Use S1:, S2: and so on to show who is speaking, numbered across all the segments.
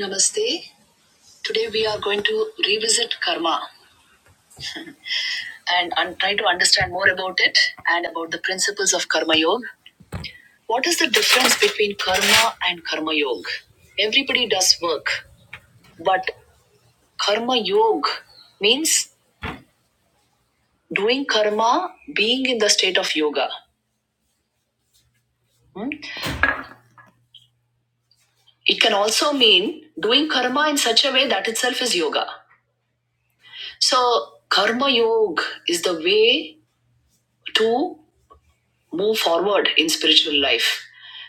S1: Namaste. Today we are going to revisit karma and un- try to understand more about it and about the principles of karma yoga. What is the difference between karma and karma yoga? Everybody does work, but karma yoga means doing karma, being in the state of yoga. Hmm? It can also mean doing karma in such a way that itself is yoga. So, karma yoga is the way to move forward in spiritual life.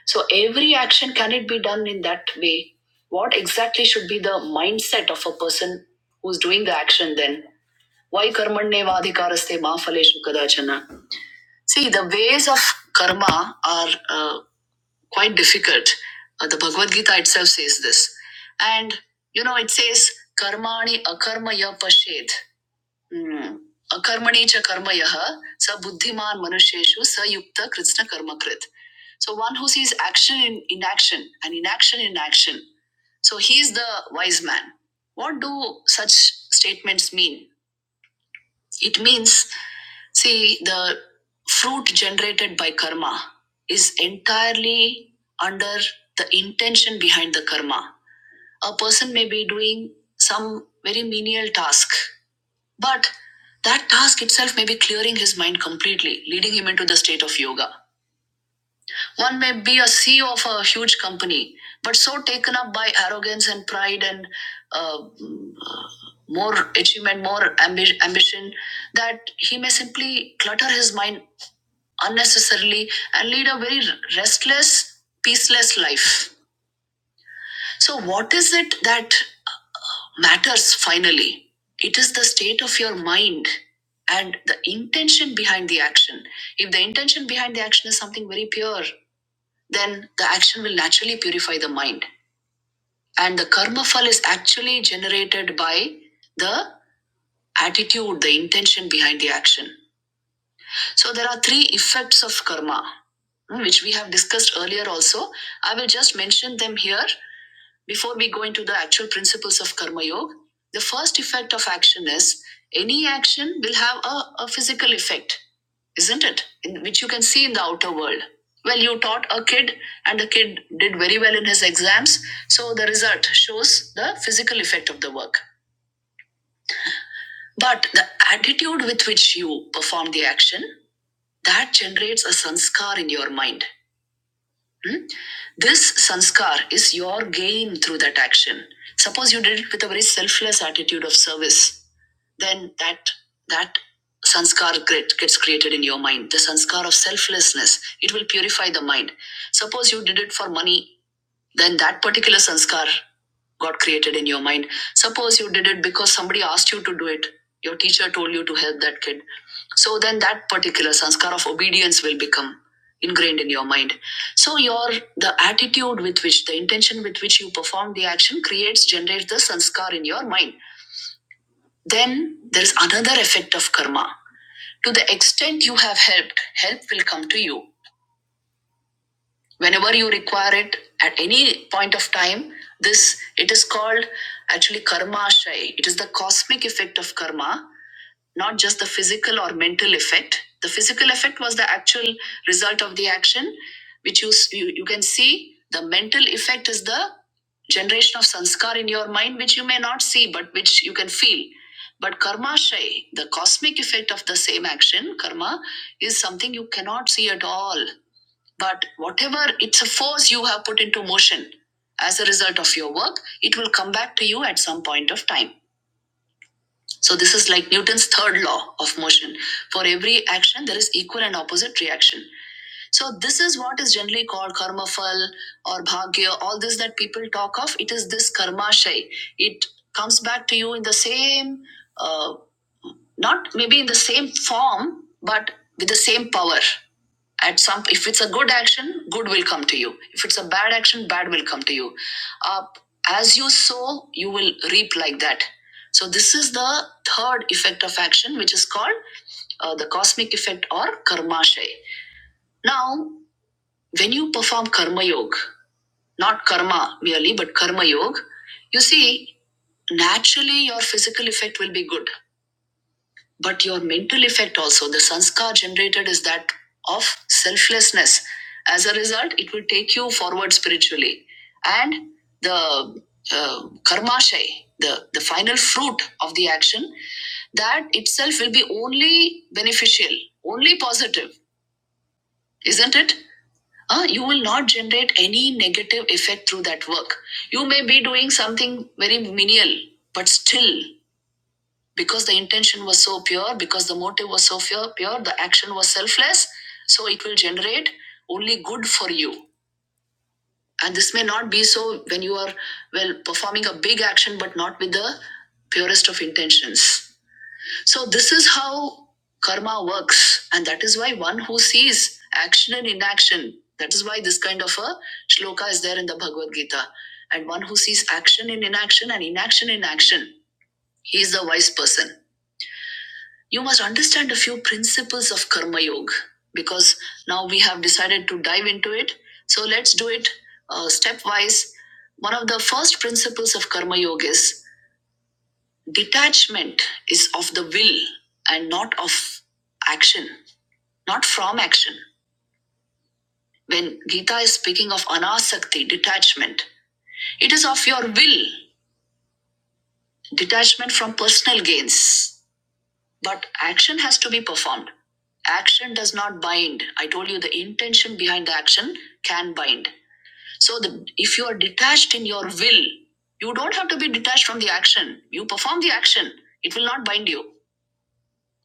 S1: So every action can it be done in that way? What exactly should be the mindset of a person who's doing the action then? Why karmanne vadhikaraste ma phaleshu kadachana? See, the ways of karma are uh, quite difficult. Uh, the Bhagavad Gita itself says this. And, you know, it says, karmani akarma ya pashed. हम्म. अकर्मणी च कर्म यः स बुद्धिमान मनुष्येषु स युक्त कृत्स्न कर्मकृत So one who sees action in inaction and inaction in action. So he is the wise man. What do such statements mean? It means, see, the fruit generated by karma is entirely under the intention behind the karma. A person may be doing some very menial task but that task itself may be clearing his mind completely, leading him into the state of yoga. One may be a CEO of a huge company, but so taken up by arrogance and pride and uh, mm, uh, more achievement, more ambi- ambition, that he may simply clutter his mind unnecessarily and lead a very restless, peaceless life. So, what is it that matters finally? It is the state of your mind and the intention behind the action. If the intention behind the action is something very pure, then the action will naturally purify the mind. And the karma fall is actually generated by the attitude, the intention behind the action. So there are three effects of karma, mm, which we have discussed earlier also. I will just mention them here before we go into the actual principles of karma yoga. The first effect of action is any action will have a, a physical effect, isn't it? In which you can see in the outer world. Well, you taught a kid and the kid did very well in his exams. So the result shows the physical effect of the work. But the attitude with which you perform the action that generates a sanskar in your mind. Hmm? This sanskar is your gain through that action. Suppose you did it with a very selfless attitude of service, then that that sanskar grit gets created in your mind. The sanskar of selflessness. It will purify the mind. Suppose you did it for money then that particular sanskar got created in your mind. Suppose you did it because somebody asked you to do it, your teacher told you to help that kid. So then that particular sanskar of obedience will become ingrained in your mind. So your the attitude with which the intention with which you perform the action creates generates the sanskar in your mind. Then there is another effect of karma. To the extent you have helped, help will come to you. whenever you require it at any point of time this it is called actually karma ashray it is the cosmic effect of karma not just the physical or mental effect the physical effect was the actual result of the action which you you, you can see the mental effect is the generation of sanskar in your mind which you may not see but which you can feel but karma shay the cosmic effect of the same action karma is something you cannot see at all but whatever it's a force you have put into motion as a result of your work, it will come back to you at some point of time. So this is like Newton's third law of motion. For every action, there is equal and opposite reaction. So this is what is generally called karma phal or bhagya. All this that people talk of, it is this karma shay. It comes back to you in the same, uh, not maybe in the same form, but with the same power at some if it's a good action good will come to you if it's a bad action bad will come to you uh, as you sow you will reap like that so this is the third effect of action which is called uh, the cosmic effect or karmashay now when you perform karma yoga not karma merely but karma yoga you see naturally your physical effect will be good but your mental effect also the sanskar generated is that of selflessness as a result it will take you forward spiritually and the uh, karmashay the, the final fruit of the action that itself will be only beneficial only positive isn't it uh, you will not generate any negative effect through that work. You may be doing something very menial, but still because the intention was so pure, because the motive was so pure, pure, the action was selfless, so it will generate only good for you. And this may not be so when you are well performing a big action, but not with the purest of intentions. So this is how karma works, and that is why one who sees action and inaction, that is why this kind of a shloka is there in the Bhagavad Gita, and one who sees action in inaction and inaction in action, he is the wise person. You must understand a few principles of Karma Yoga because now we have decided to dive into it. So let's do it uh, stepwise. One of the first principles of Karma Yoga is detachment is of the will and not of action, not from action. When Gita is speaking of anasakti, detachment, it is of your will, detachment from personal gains. But action has to be performed. Action does not bind. I told you the intention behind the action can bind. So the, if you are detached in your will, you don't have to be detached from the action. You perform the action. It will not bind you.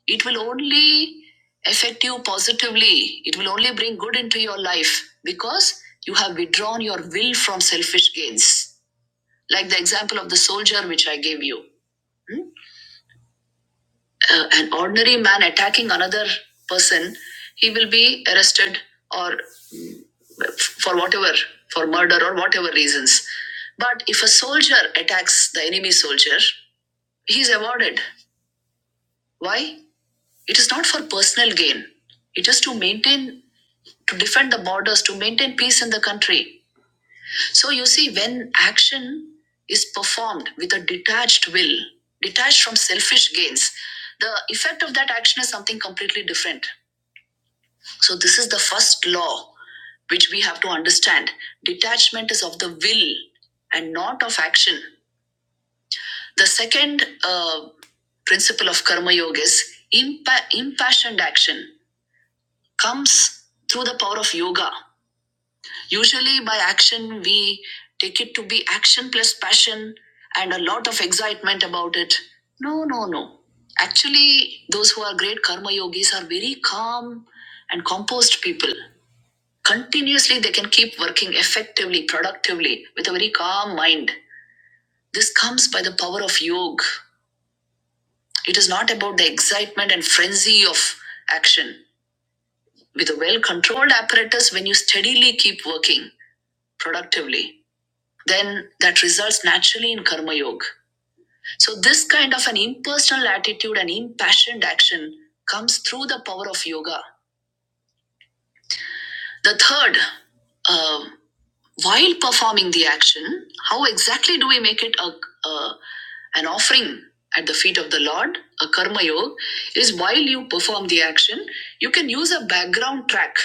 S1: It will only affect you positively. It will only bring good into your life because you have withdrawn your will from selfish gains. Like the example of the soldier which I gave you. Hmm? uh, an ordinary man attacking another person, he will be arrested or for whatever, for murder or whatever reasons. But if a soldier attacks the enemy soldier, he is awarded. Why? It is not for personal gain. It is to maintain, to defend the borders, to maintain peace in the country. So you see, when action is performed with a detached will, detached from selfish gains, the effect of that action is something completely different So, this is the first law which we have to understand. Detachment is of the will and not of action. The second uh, principle of Karma Yoga is impa- impassioned action comes through the power of yoga. Usually, by action, we take it to be action plus passion and a lot of excitement about it. No, no, no. Actually, those who are great Karma Yogis are very calm and composed people. Continuously, they can keep working effectively, productively, with a very calm mind. This comes by the power of yoga. It is not about the excitement and frenzy of action. With a well controlled apparatus, when you steadily keep working productively, then that results naturally in karma yoga. So, this kind of an impersonal attitude and impassioned action comes through the power of yoga. The third um, While performing the action, how exactly do we make it a, a- an offering at the feet of the Lord? A karma yoga is while you perform the action, you can use a background track.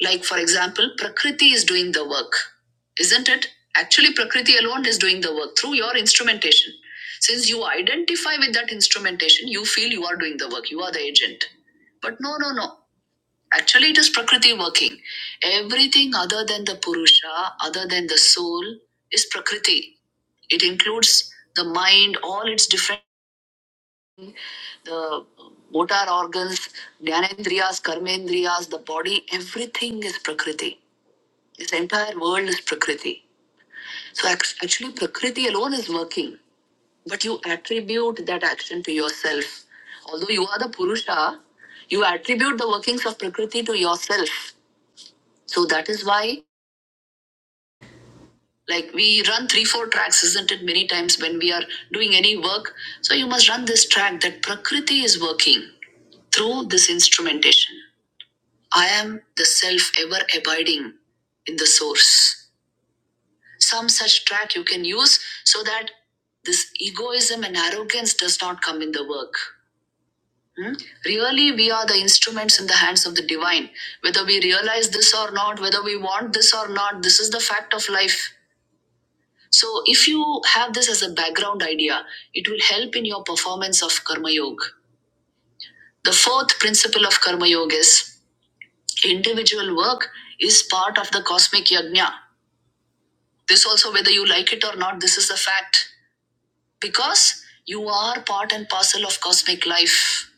S1: Like, for example, Prakriti is doing the work, isn't it? Actually, Prakriti alone is doing the work through your instrumentation. Since you identify with that instrumentation, you feel you are doing the work, you are the agent. But no, no, no. Actually, it is Prakriti working. Everything other than the Purusha, other than the soul, is Prakriti. It includes the mind, all its different, the motor organs, Dhyanendriyas, Karmendriyas, the body, everything is Prakriti. This entire world is Prakriti. So ac- actually, Prakriti alone is working, but you attribute that action to yourself. Although you are the Purusha, you attribute the workings of Prakriti to yourself. So that is why like we run three four tracks isn't it many times when we are doing any work so you must run this track that prakriti is working through this instrumentation i am the self ever abiding in the source some such track you can use so that this egoism and arrogance does not come in the work Hmm? Really, we are the instruments in the hands of the divine. Whether we realize this or not, whether we want this or not, this is the fact of life. So, if you have this as a background idea, it will help in your performance of Karma Yoga. The fourth principle of Karma Yoga is individual work is part of the cosmic yajna. This also, whether you like it or not, this is a fact because you are part and parcel of cosmic life.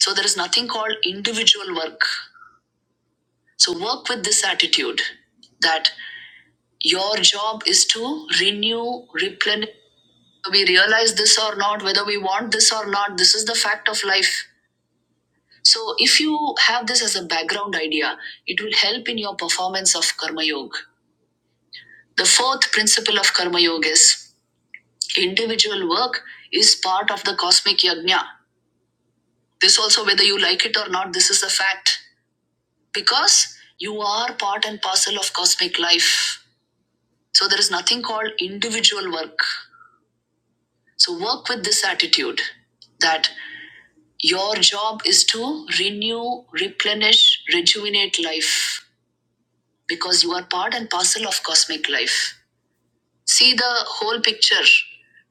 S1: So, there is nothing called individual work. So, work with this attitude that your job is to renew, replenish. we realize this or not, whether we want this or not, this is the fact of life. So, if you have this as a background idea, it will help in your performance of Karma Yoga. The fourth principle of Karma Yoga is individual work is part of the cosmic yajna. This also, whether you like it or not, this is a fact because you are part and parcel of cosmic life. So, there is nothing called individual work. So, work with this attitude that Your job is to renew, replenish, rejuvenate life because you are part and parcel of cosmic life. See the whole picture.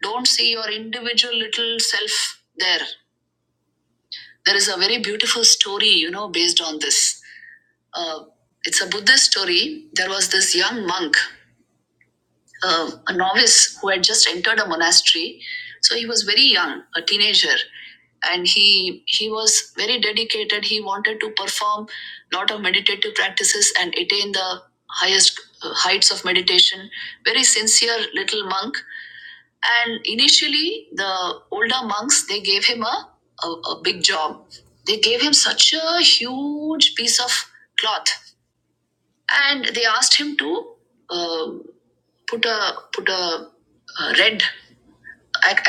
S1: Don't see your individual little self there. There is a very beautiful story, you know, based on this. Uh, it's a Buddhist story. There was this young monk. uh, a novice who had just entered a monastery. So he was very young, a teenager, and he he was very dedicated. He wanted to perform a lot of meditative practices and attain the highest uh, heights of meditation. Very sincere little monk. And initially, the older monks they gave him a, a, a big job. They gave him such a huge piece of cloth and they asked him to um, put a put a, uh red.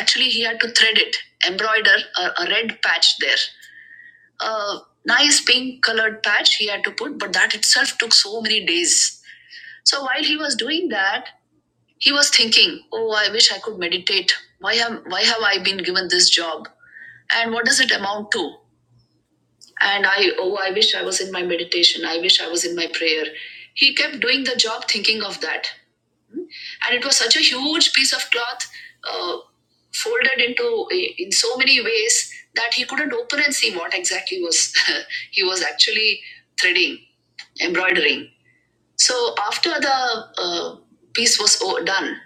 S1: Actually, he had to thread it, embroider a, a red patch there. A nice pink colored patch he had to put, but that itself took so many days. So while he was doing that, he was thinking, "Oh, I wish I could meditate. Why am Why have I been given this job? And what does it amount to? And I, oh, I wish I was in my meditation. I wish I was in my prayer." He kept doing the job, thinking of that and it was such a huge piece of cloth uh, folded into in so many ways that he couldn't open and see what exactly was he was actually threading embroidering so after the uh, piece was o- done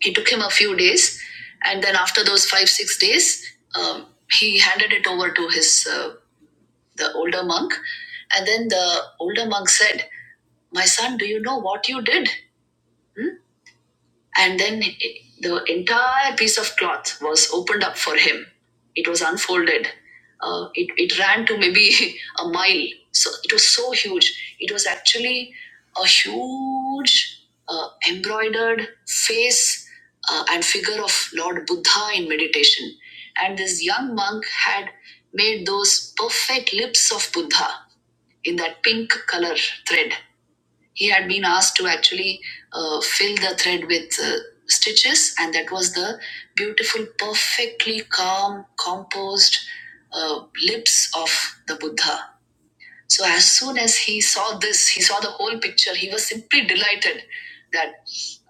S1: it took him a few days and then after those five six days um, he handed it over to his uh, the older monk and then the older monk said my son do you know what you did Hmm? and then it- it- the entire piece of cloth was opened up for him. It was unfolded. Uh, it, it ran to maybe a mile. So it was so huge. It was actually a huge uh, embroidered face uh, and figure of Lord Buddha in meditation. And this young monk had made those perfect lips of Buddha in that pink color thread he had been asked to actually uh, fill the thread with uh, stitches and that was the beautiful perfectly calm composed uh, lips of the buddha so as soon as he saw this, he saw the whole picture. He was simply delighted that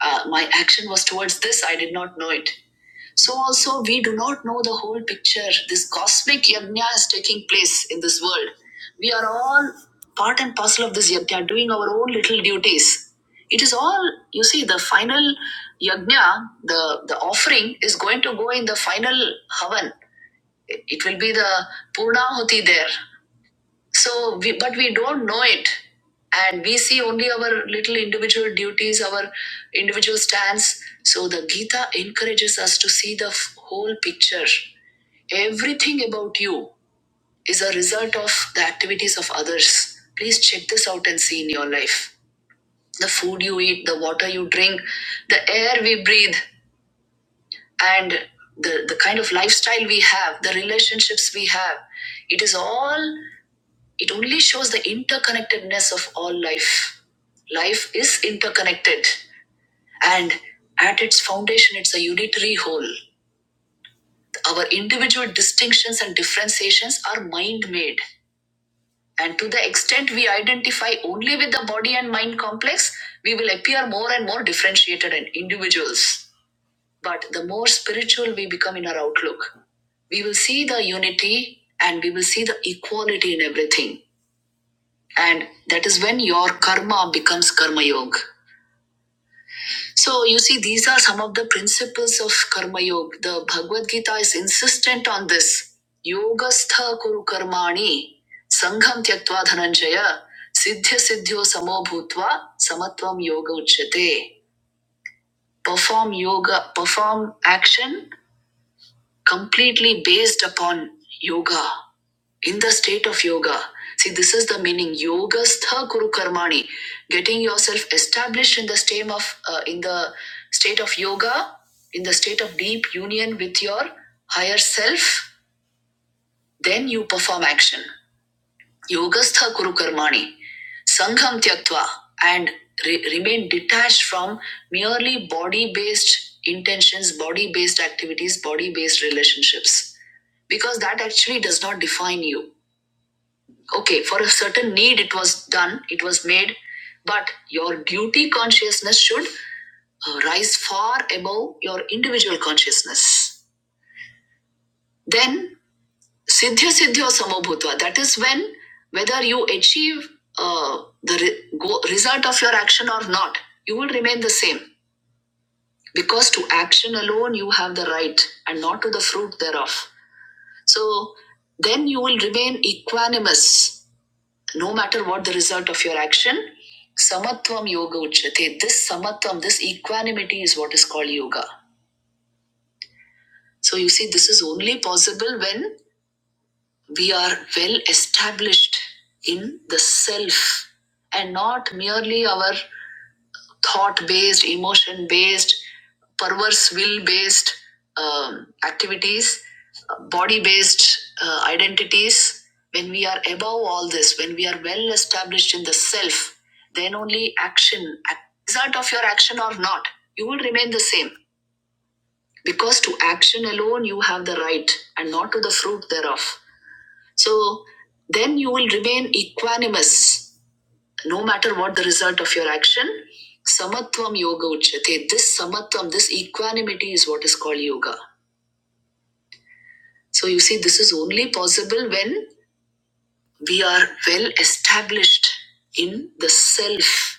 S1: uh, my action was towards this. I did not know it. So also we do not know the whole picture. This cosmic yajna is taking place in this world. We are all part and parcel of this yajna, doing our own little duties. It is all you see. The final yajna, the the offering is going to go in the final havan. It will be the purna hoti there so we, but we don't know it and we see only our little individual duties our individual stance so the gita encourages us to see the f- whole picture everything about you is a result of the activities of others please check this out and see in your life the food you eat the water you drink the air we breathe and the, the kind of lifestyle we have the relationships we have it is all it only shows the interconnectedness of all life. Life is interconnected, and at its foundation, it's a unitary whole. Our individual distinctions and differentiations are mind made. And to the extent we identify only with the body and mind complex, we will appear more and more differentiated and individuals. But the more spiritual we become in our outlook, we will see the unity and we will see the equality in everything and that is when your karma becomes karma yoga so you see these are some of the principles of karma yoga the bhagavad gita is insistent on this yogastha kuru karmani sangham tyaktva dhananjaya siddhya siddhyo samo bhutva samatvam yoga uchyate perform yoga perform action completely based upon yoga in the state of yoga. See, this is the meaning yogastha guru karmani, getting yourself established in the state of uh, in the state of yoga, in the state of deep union with your higher self. Then you perform action. Yogastha guru karmani, sangham tyaktva, and re- remain detached from merely body-based intentions, body-based activities, body-based relationships, because that actually does not define you Okay, for a certain need, it was done, it was made, but your duty consciousness should uh, rise far above your individual consciousness. Then, siddhya siddhya samabhutva, that is when whether you achieve uh, the re- go- result of your action or not, you will remain the same. Because to action alone you have the right and not to the fruit thereof. So, then you will remain equanimous no matter what the result of your action, samatvam yoga uchyate. This samatvam, this equanimity is what is called yoga. So you see, this is only possible when we are well established in the self and not merely our thought based, emotion based, perverse will based um, activities, body based uh, identities. When we are above all this, when we are well established in the self, then only action, result of your action or not, you will remain the same. Because to action alone you have the right and not to the fruit thereof. So then you will remain equanimous no matter what the result of your action. Samatvam yoga uchyate. This samatvam, this equanimity is what is called yoga. So you see, this is only possible when we are well established in the self.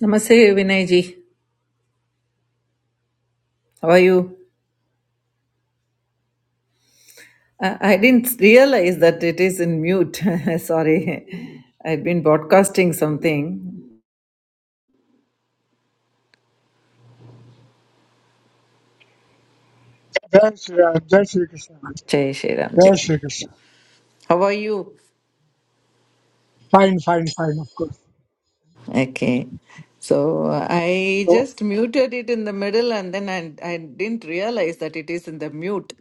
S1: Namaste, Vinayji. How are you? I, I didn't realize that it is in mute. Sorry. I've been broadcasting something.
S2: Jai Shri Ram, Jai Shri Krishna,
S1: Jai Shri Ram.
S2: Jai Shri Krishna.
S1: How are you?
S2: Fine, fine, fine, of course.
S1: Okay. So uh, I
S2: So,
S1: just muted it in the middle and then I, I didn't realize that it is in the mute.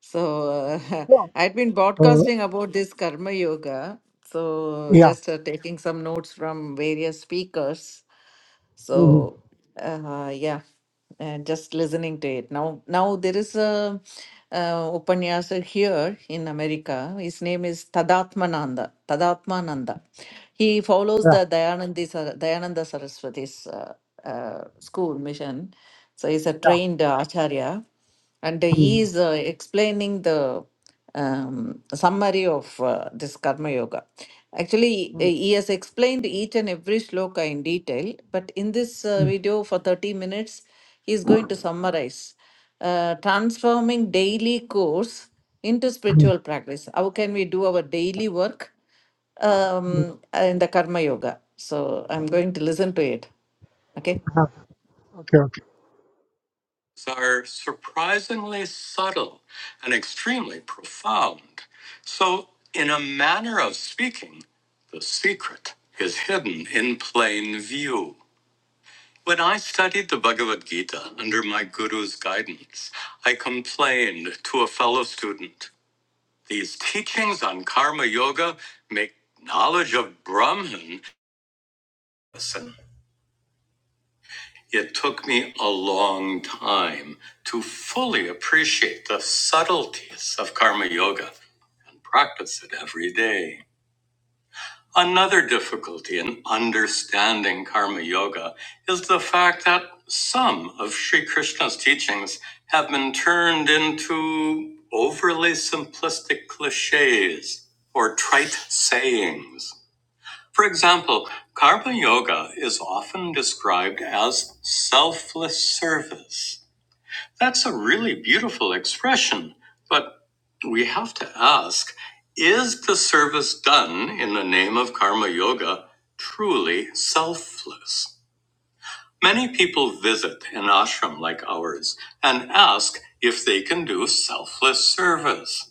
S1: So uh,
S2: no,
S1: I'd been
S2: uh,
S1: broadcasting about this Karma Yoga. So
S2: yeah,
S1: just uh, taking some notes from various speakers.
S2: mhm,
S1: So, uh, yeah, and just listening to it. Now, now there is a uh, Upanyasa here in America. His name is Tadatmananda. Tadatmananda. He follows
S2: yeah,
S1: the Dayanandi, Sar- Dayananda Saraswati's uh, uh, school mission. So he's a
S2: yeah.
S1: trained uh, acharya. And he is
S2: Mm-hmm.
S1: uh, explaining the um, summary of uh, this Karma Yoga. Actually, uh,
S2: mm-hmm,
S1: he has explained each and every shloka in detail, but in this uh, video for 30 minutes, he is going to summarize uh, transforming daily course into spiritual practice. How can we do our daily work
S2: mm-hmm,
S1: um, in the Karma Yoga? So I'm
S2: mm-hmm,
S1: going to listen to it. Okay
S2: mm-hmm. Okay, okay.
S1: are surprisingly subtle and extremely profound. So, in a manner of speaking, the secret is hidden in plain view. When I studied the Bhagavad Gita under my guru's guidance, I complained to a fellow student these teachings on karma yoga make knowledge of Brahman listen It took me a long time to fully appreciate the subtleties of karma yoga and practice it every day. Another difficulty in understanding karma yoga is the fact that some of Sri Krishna's teachings have been turned into overly simplistic cliches or trite sayings. For example, karma yoga is often described as selfless service. That's a really beautiful expression, but we have to ask is the service done in the name of karma yoga truly selfless? Many people visit an ashram like ours and ask if they can do selfless service.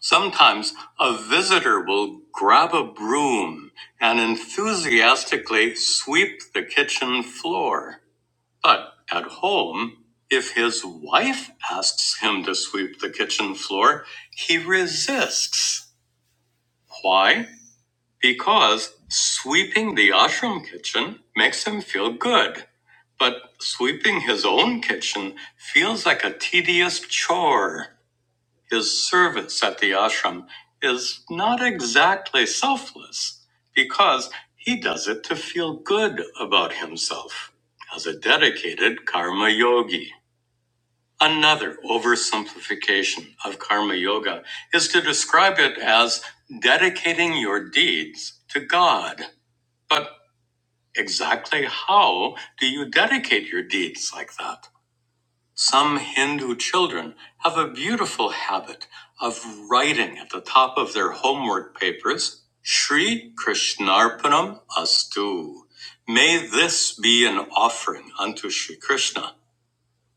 S1: Sometimes a visitor will grab a broom and enthusiastically sweep the kitchen floor. But at home, if his wife asks him to sweep the kitchen floor, he resists. Why? Because sweeping the ashram kitchen makes him feel good. But sweeping his own kitchen feels like a tedious chore. His service at the ashram is not exactly selfless because he does it to feel good about himself as a dedicated karma yogi. Another oversimplification of karma yoga is to describe it as dedicating your deeds to God. But exactly how do you dedicate your deeds like that? Some Hindu children have a beautiful habit of writing at the top of their homework papers, Sri Krishnarpanam Astu. May this be an offering unto Shri Krishna.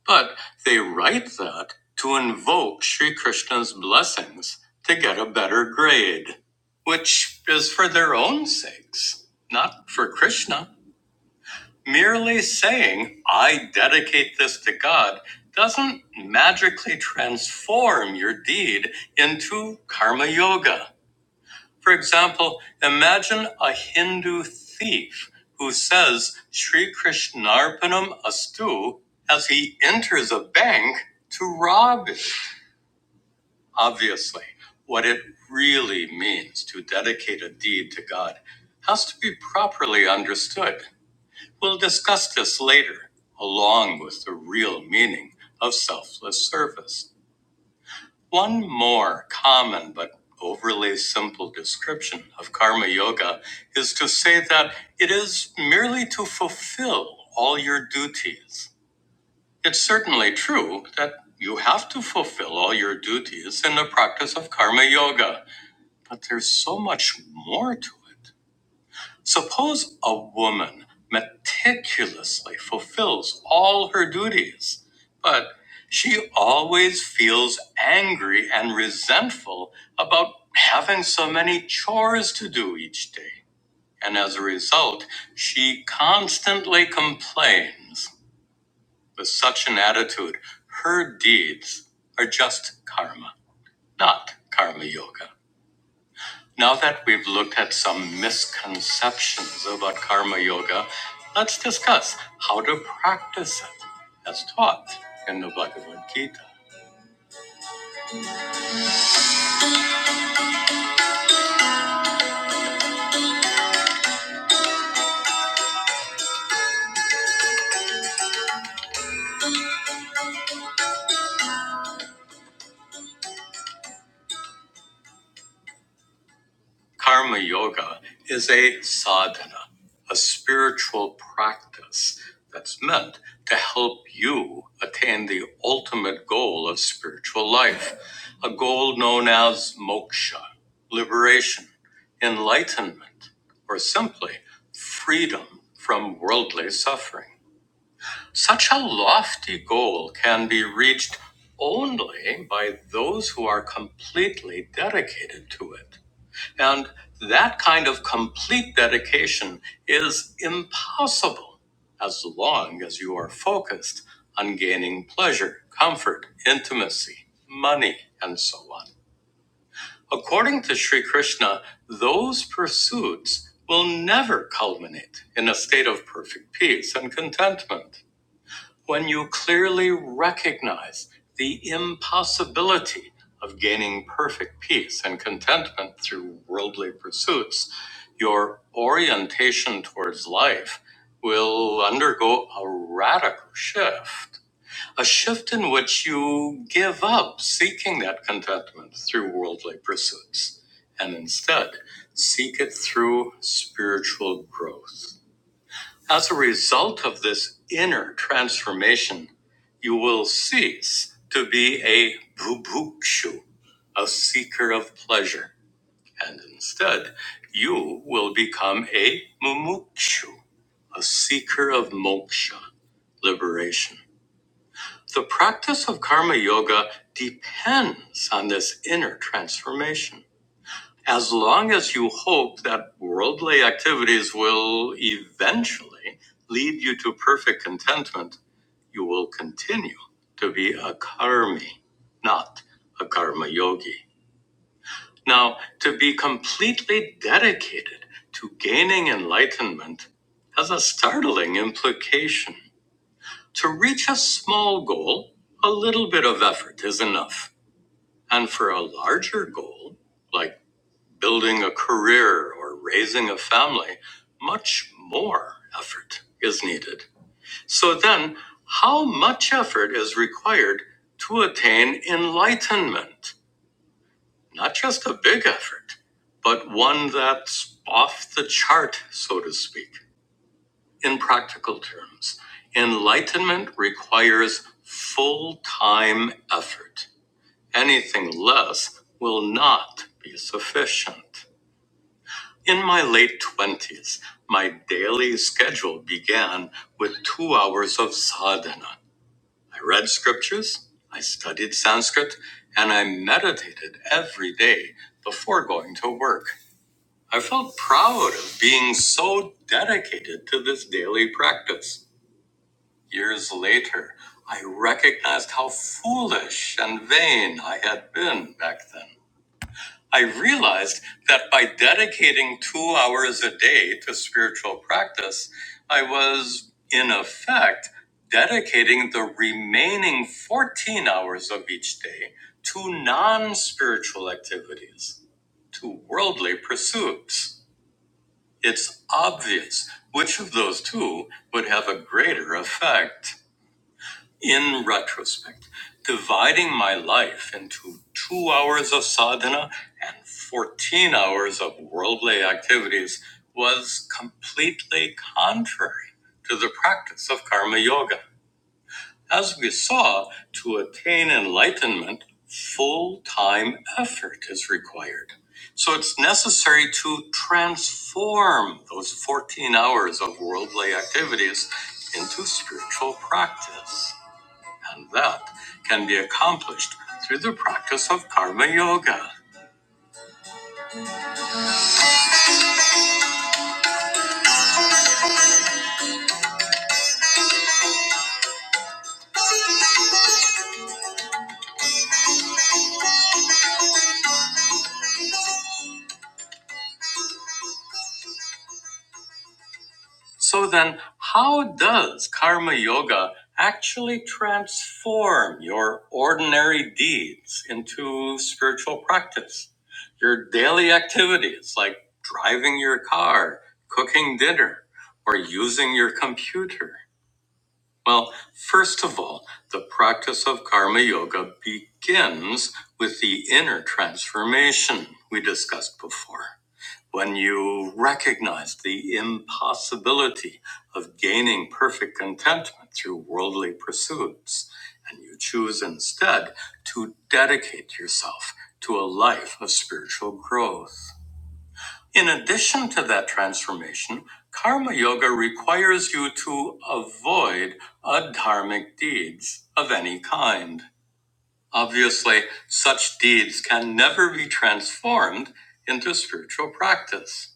S1: But they write that to invoke Shri Krishna's blessings to get a better grade, which is for their own sakes, not for Krishna. Merely saying, I dedicate this to God, doesn't magically transform your deed into karma yoga. For example, imagine a Hindu thief who says Sri Krishnarpanam Astu as he enters a bank to rob it. Obviously, what it really means to dedicate a deed to God has to be properly understood. We'll discuss this later, along with the real meaning of selfless service. One more common but overly simple description of karma yoga is to say that it is merely to fulfill all your duties. It's certainly true that you have to fulfill all your duties in the practice of karma yoga, but there's so much more to it. Suppose a woman meticulously fulfills all her duties, but she always feels angry and resentful about having so many chores to do each day. And as a result, she constantly complains. With such an attitude, her deeds are just karma, not karma yoga. Now that we've looked at some misconceptions about karma yoga, let's discuss how to practice it as taught in the Bhagavad Gita. Karma Yoga is a sadhana, a spiritual practice that's meant to help you attain the ultimate goal of spiritual life, a goal known as moksha, liberation, enlightenment, or simply freedom from worldly suffering. Such a lofty goal can be reached only by those who are completely dedicated to it. And that kind of complete dedication is impossible as long as you are focused on gaining pleasure, comfort, intimacy, money, and so on. According to Sri Krishna, those pursuits will never culminate in a state of perfect peace and contentment. When you clearly recognize the impossibility of gaining perfect peace and contentment through worldly pursuits, your orientation towards life will undergo a radical shift. A shift in which you give up seeking that contentment through worldly pursuits and instead seek it through spiritual growth. As a result of this inner transformation, you will cease to be a bhubukshu, a seeker of pleasure, and instead you will become a mumukshu, a seeker of moksha, liberation. The practice of karma yoga depends on this inner transformation as long as you hope that worldly activities will eventually lead you to perfect contentment, you will continue to be a karmi, not a karma yogi. Now, to be completely dedicated to gaining enlightenment has a startling implication. To reach a small goal, a little bit of effort is enough. And for a larger goal, like building a career or raising a family, much more effort is needed. So then, how much effort is required to attain enlightenment? Not just a big effort, but one that's off the chart, so to speak. In practical terms, enlightenment requires full time effort. Anything less will not be sufficient. In my late 20s, my daily schedule began with two hours of sadhana. I read scriptures, I studied Sanskrit, and I meditated every day before going to work. I felt proud of being so dedicated to this daily practice. Years later, I recognized how foolish and vain I had been back then. I realized that by dedicating two hours a day to spiritual practice, I was, in effect, dedicating the remaining 14 hours of each day to non spiritual activities, to worldly pursuits. It's obvious which of those two would have a greater effect. In retrospect, dividing my life into two hours of sadhana and 14 hours of worldly activities was completely contrary to the practice of karma yoga. As we saw, to attain enlightenment, full time effort is required. So it's necessary to transform those 14 hours of worldly activities into spiritual practice. And that can be accomplished through the practice of Karma Yoga. So then, how does karma yoga actually transform your ordinary deeds into spiritual practice? Your daily activities like driving your car, cooking dinner, or using your computer? Well, first of all, the practice of karma yoga begins with the inner transformation we discussed before. When you recognize the impossibility of gaining perfect contentment through worldly pursuits, and you choose instead to dedicate yourself to a life of spiritual growth. In addition to that transformation, karma yoga requires you to avoid adharmic deeds of any kind. Obviously, such deeds can never be transformed into spiritual practice.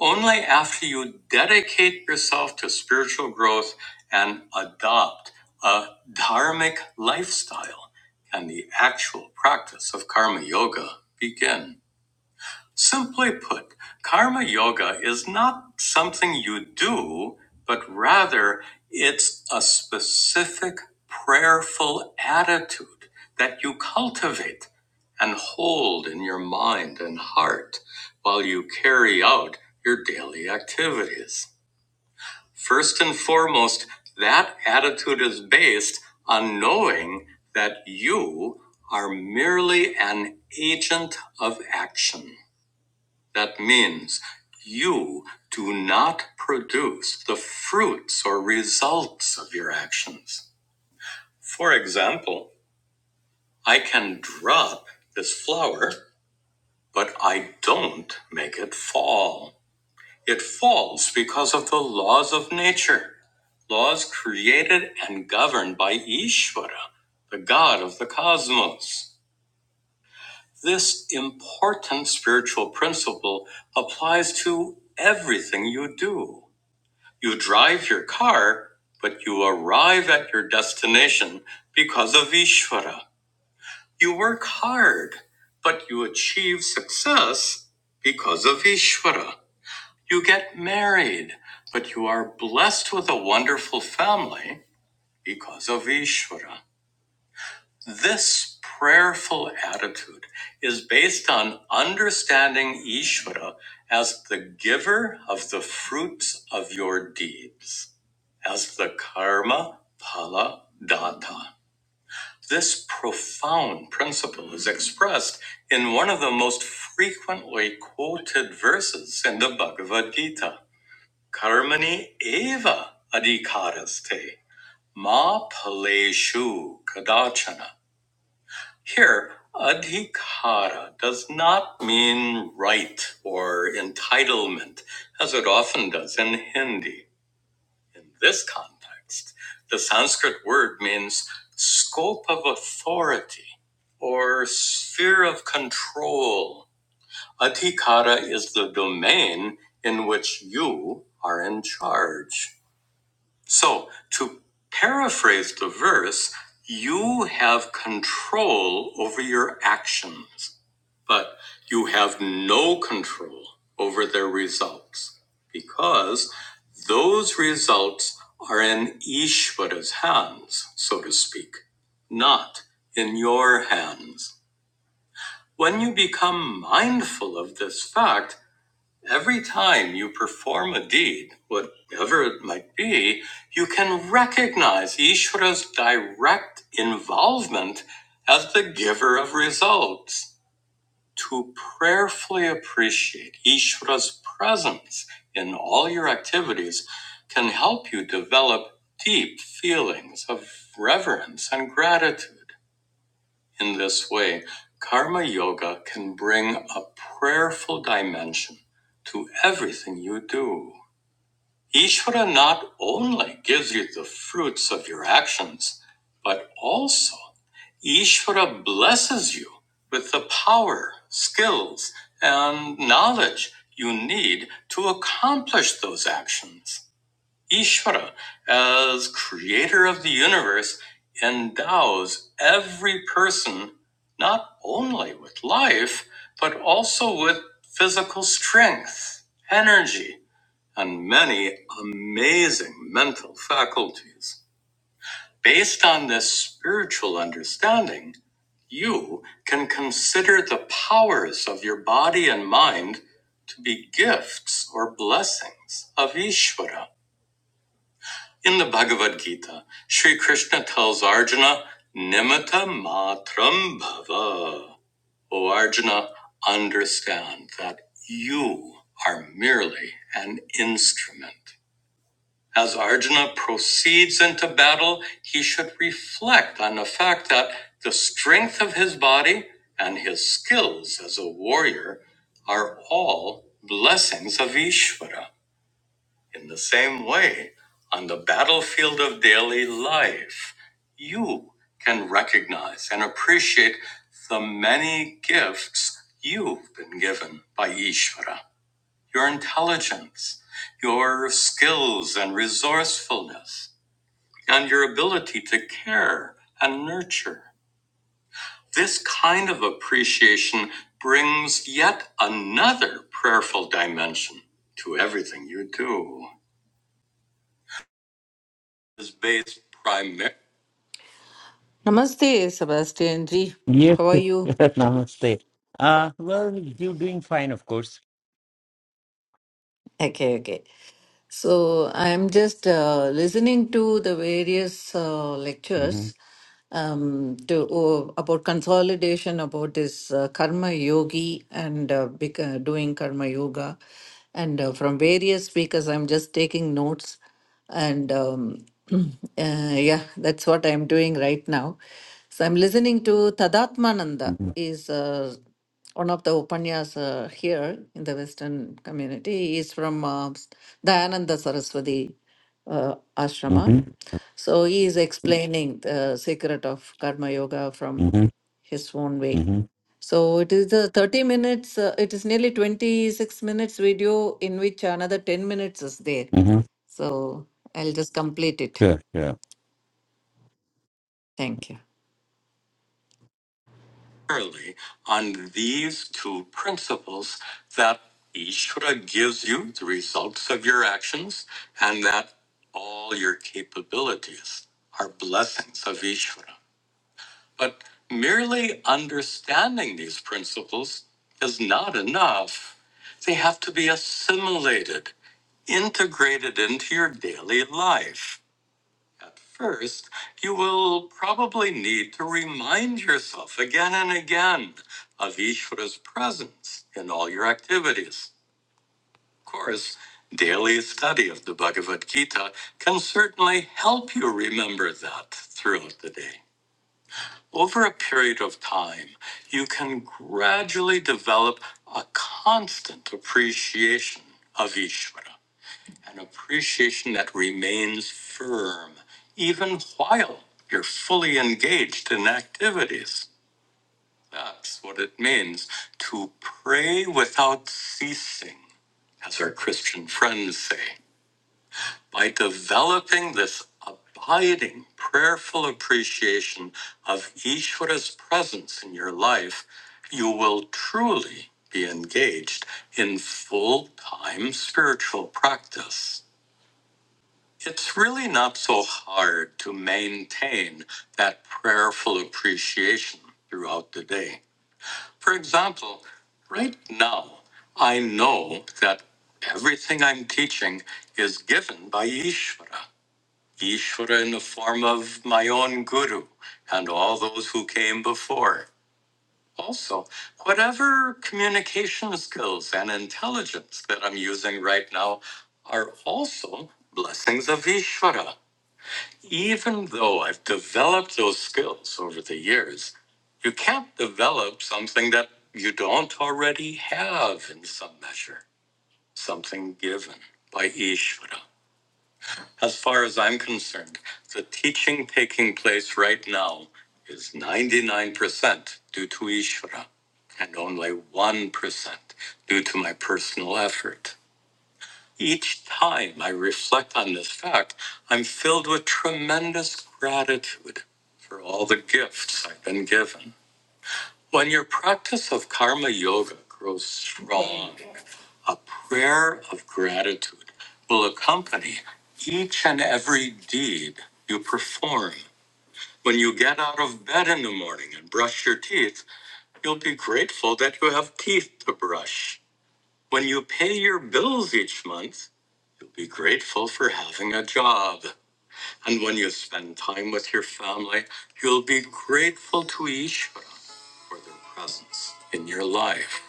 S1: Only after you dedicate yourself to spiritual growth and adopt a dharmic lifestyle can the actual practice of karma yoga begin. Simply put, karma yoga is not something you do, but rather it's a specific prayerful attitude that you cultivate and hold in your mind and heart while you carry out your daily activities. First and foremost, that attitude is based on knowing that you are merely an agent of action that means you do not produce the fruits or results of your actions. For example, I can drop this flower, but I don't make it fall. It falls because of the laws of nature, laws created and governed by Ishvara, the god of the cosmos. This important spiritual principle applies to everything you do. You drive your car, but you arrive at your destination because of Ishvara. You work hard, but you achieve success because of Ishvara. You get married, but you are blessed with a wonderful family because of Ishvara. This prayerful attitude is based on understanding Ishvara as the giver of the fruits of your deeds, as the karma phala data. This profound principle is expressed in one of the most frequently quoted verses in the Bhagavad Gita Karmani eva adhikaraste ma paleshu kadachana here, adhikara does not mean right or entitlement, as it often does in Hindi. In this context, the Sanskrit word means scope of authority or sphere of control. Adhikara is the domain in which you are in charge. So, to paraphrase the verse, you have control over your actions, but you have no control over their results because those results are in Ishvara's hands, so to speak, not in your hands. When you become mindful of this fact, Every time you perform a deed, whatever it might be, you can recognize Ishvara's direct involvement as the giver of results. To prayerfully appreciate Ishvara's presence in all your activities can help you develop deep feelings of reverence and gratitude. In this way, karma yoga can bring a prayerful dimension to everything you do. Ishvara not only gives you the fruits of your actions, but also Ishvara blesses you with the power, skills, and knowledge you need to accomplish those actions. Ishvara, as creator of the universe, endows every person not only with life, but also with physical strength, energy, and many amazing mental faculties. Based on this spiritual understanding, you can consider the powers of your body and mind to be gifts or blessings of Ishvara in the Bhagavad Gita, Sri Krishna tells Arjuna, Nimitta matram bhava. O Arjuna, understand that you are merely an instrument. As Arjuna proceeds into battle, he should reflect on the fact that the strength of his body and his skills as a warrior are all blessings of Ishvara. In the same way, on the battlefield of daily life, you can recognize and appreciate the many gifts you've been given by Ishvara your intelligence, your skills and resourcefulness, and your ability to care and nurture. This kind of appreciation brings yet another prayerful dimension to everything you do. is based primarily. Namaste, Sebastian ji.
S3: Yes,
S1: How are
S3: yes,
S1: you?
S3: namaste. Uh, well, you're doing fine, of course.
S1: Okay, okay. So I'm just uh, listening to the various uh,
S3: Mm-hmm,
S1: lectures um, to oh, about consolidation about this uh, karma yogi and uh, bec- uh, doing karma yoga and uh, from various speakers i'm just taking notes and um, uh, yeah that's what i'm doing right now so i'm listening to tadatmananda
S3: mm-hmm,
S1: is uh, one of the upanyas uh, here in the western community He is from uh, dayananda saraswati uh, ashrama.
S3: mm-hmm,
S1: So he is explaining the secret of karma yoga from
S3: mm-hmm,
S1: his own way.
S3: mm-hmm,
S1: So it is the 30 minutes, uh, it is nearly 26 minutes video in which another 10 minutes is there.
S3: hmm
S1: So I'll just complete it.
S3: Sure, sure.
S1: Thank you. Primarily on these two principles that Ishvara gives you the results of your actions and that all your capabilities are blessings of Ishvara. But merely understanding these principles is not enough. They have to be assimilated, integrated into your daily life. At first, you will probably need to remind yourself again and again of Ishvara's presence in all your activities. Of course, daily study of the Bhagavad Gita can certainly help you remember that throughout the day. Over a period of time, you can gradually develop a constant appreciation of Ishvara, an appreciation that remains firm even while you're fully engaged in activities. That's what it means to pray without ceasing, as our Christian friends say by developing this abiding prayerful appreciation of Ishvara's presence in your life, you will truly be engaged in full time spiritual practice. It's really not so hard to maintain that prayerful appreciation throughout the day. For example, right now, I know that everything I'm teaching is given by Ishvara. Ishvara in the form of my own guru and all those who came before. Also, whatever communication skills and intelligence that I'm using right now are also blessings of Ishvara. Even though I've developed those skills over the years, you can't develop something that you don't already have in some measure, something given by Ishvara. As far as I'm concerned, the teaching taking place right now is 99% due to Ishvara and only 1% due to my personal effort. Each time I reflect on this fact, I'm filled with tremendous gratitude for all the gifts I've been given. When your practice of karma yoga grows strong a prayer of gratitude will accompany each and every deed you perform. When you get out of bed in the morning and brush your teeth, you'll be grateful that you have teeth to brush. When you pay your bills each month, you'll be grateful for having a job. And when you spend time with your family, you'll be grateful to Ishvara for their presence in your life.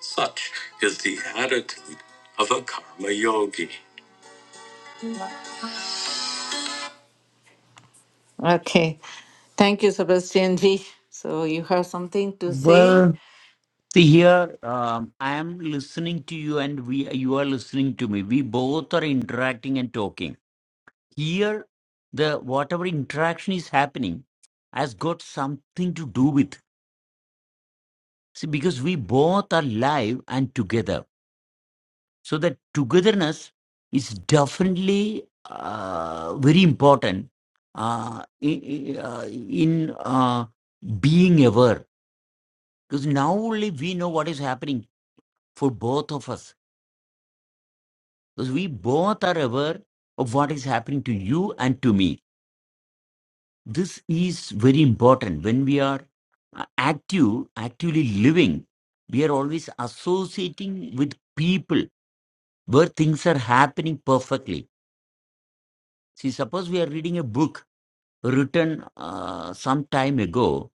S1: Such is the attitude of a karma yogi. Okay. Thank you, Sebastian G. So you have something to say?
S3: Well, see here, um, I am listening to you, and we you are listening to me. We both are interacting and talking. Here, the whatever interaction is happening has got something to do with. See, because we both are live and together So that togetherness is definitely uh, very important uh, in, uh, in uh, being aware. Because now only we know what is happening for both of us. Because we both are aware of what is happening to you and to me. This is very important. When we are uh, active, actively living, we are always associating with people where things are happening perfectly. See, suppose we are reading a book written uh, some time ago,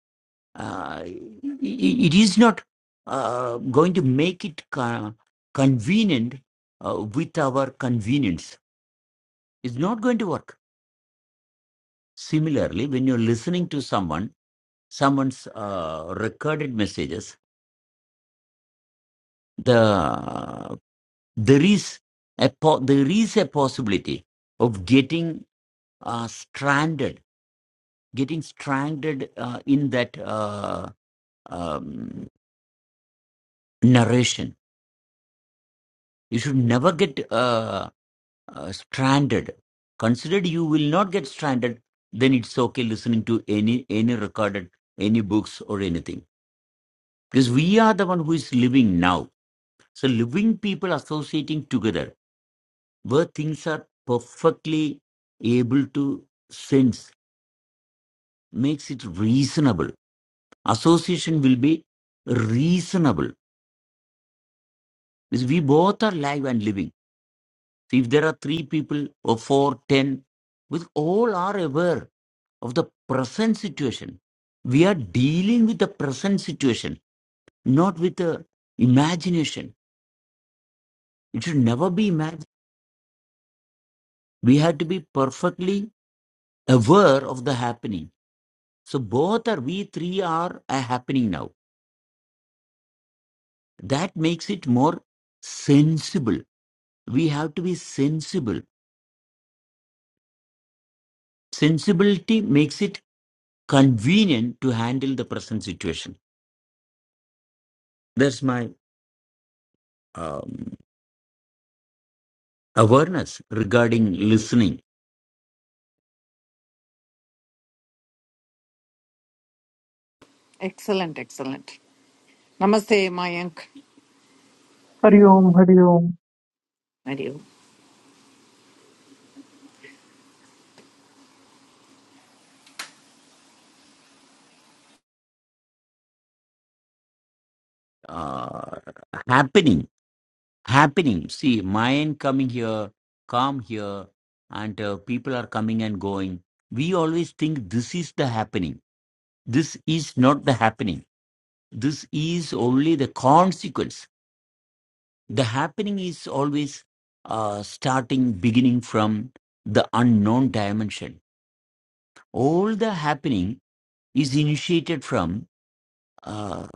S3: uh, i- it is not uh, going to make it co- convenient uh, with our convenience. It's not going to work. Similarly, when you're listening to someone, someone's uh, recorded messages, the there is a po- there is a possibility of getting uh, stranded, getting stranded uh, in that uh, um, narration You should never get uh, uh, stranded. Considered you will not get stranded, then it's okay listening to any any recorded, any books or anything. Because we are the one who is living now. So living people associating together where things are perfectly able to sense makes it reasonable. Association will be reasonable. Because we both are live and living. So if there are three people or four, ten, with all are aware of the present situation. We are dealing with the present situation, not with the imagination. It should never be imagined. We have to be perfectly aware of the happening. So both are we three are a happening now. That makes it more sensible. We have to be sensible. Sensibility makes it convenient to handle the present situation. That's my um, awareness regarding listening.
S1: Excellent, excellent. Namaste, Mayank.
S4: Hari Om, Hari Om.
S1: And
S3: Uh, happening happening. See, Mayan coming here, calm here, and uh, people are coming and going. We always think this is the happening. This is not the happening. This is only the consequence. The happening is always uh, starting, beginning from the unknown dimension. All the happening is initiated from uh,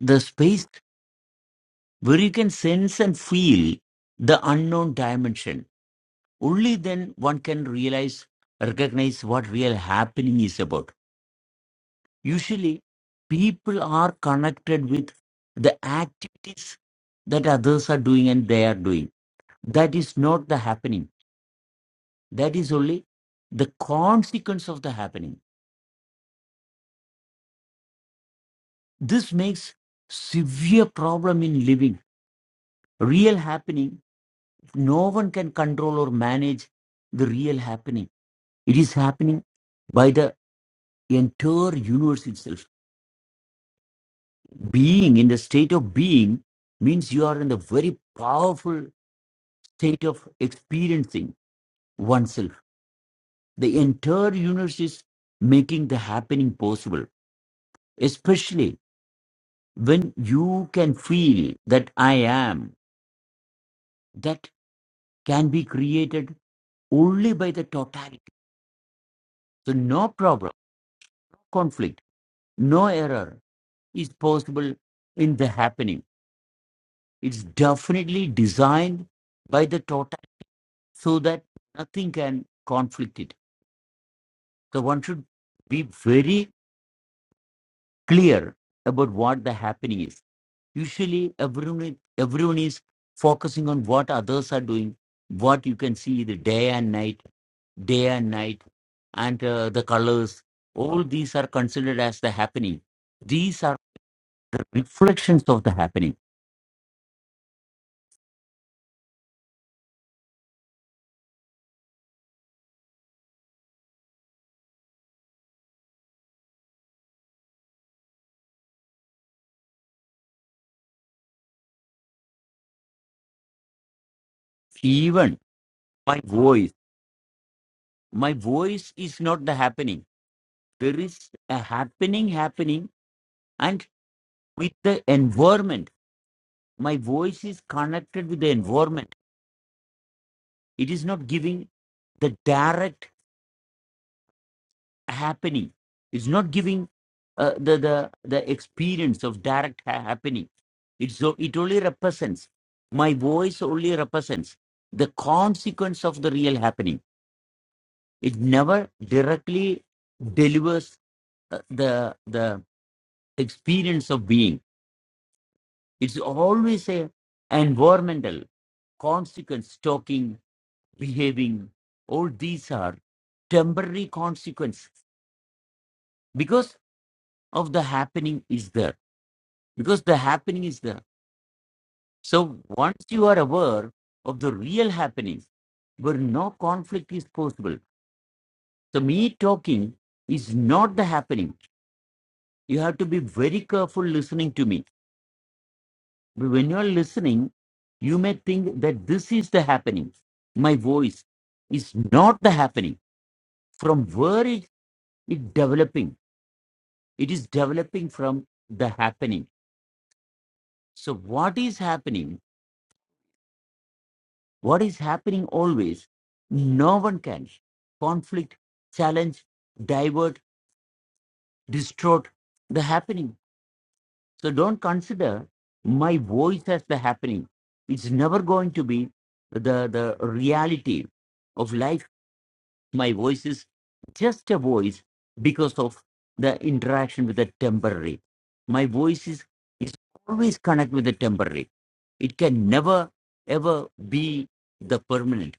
S3: the space where you can sense and feel the unknown dimension only then one can realize recognize what real happening is about usually people are connected with the activities that others are doing and they are doing that is not the happening that is only the consequence of the happening this makes severe problem in living real happening no one can control or manage the real happening it is happening by the entire universe itself being in the state of being means you are in the very powerful state of experiencing oneself the entire universe is making the happening possible especially when you can feel that i am that can be created only by the totality so no problem no conflict no error is possible in the happening it's definitely designed by the totality so that nothing can conflict it. So one should be very clear about what the happening is. Usually, everyone everyone is focusing on what others are doing, what you can see the day and night, day and night, and uh, the colors. All these are considered as the happening. These are the reflections of the happening. Even my voice, my voice is not the happening. There is a happening happening, and with the environment. My voice is connected with the environment. It is not giving the direct happening. It's not giving uh, the, the the experience of direct ha- happening. It's so it only represents my voice only represents the consequence of the real happening. It never directly delivers uh, the the experience of being. It's always a environmental consequence talking behaving all these are temporary consequences because of the happening is there because the happening is there so once you are aware of the real happenings where no conflict is possible so me talking is not the happening you have to be very careful listening to me But when you are listening you may think that this is the happening my voice is not the happening from where is it developing it is developing from the happening so what is happening what is happening always no one can conflict challenge divert distort the happening so don't consider my voice as the happening it's never going to be the the reality of life my voice is just a voice because of the interaction with the temporary. My voice is, is always connected with the temporary. It can never ever be the permanent.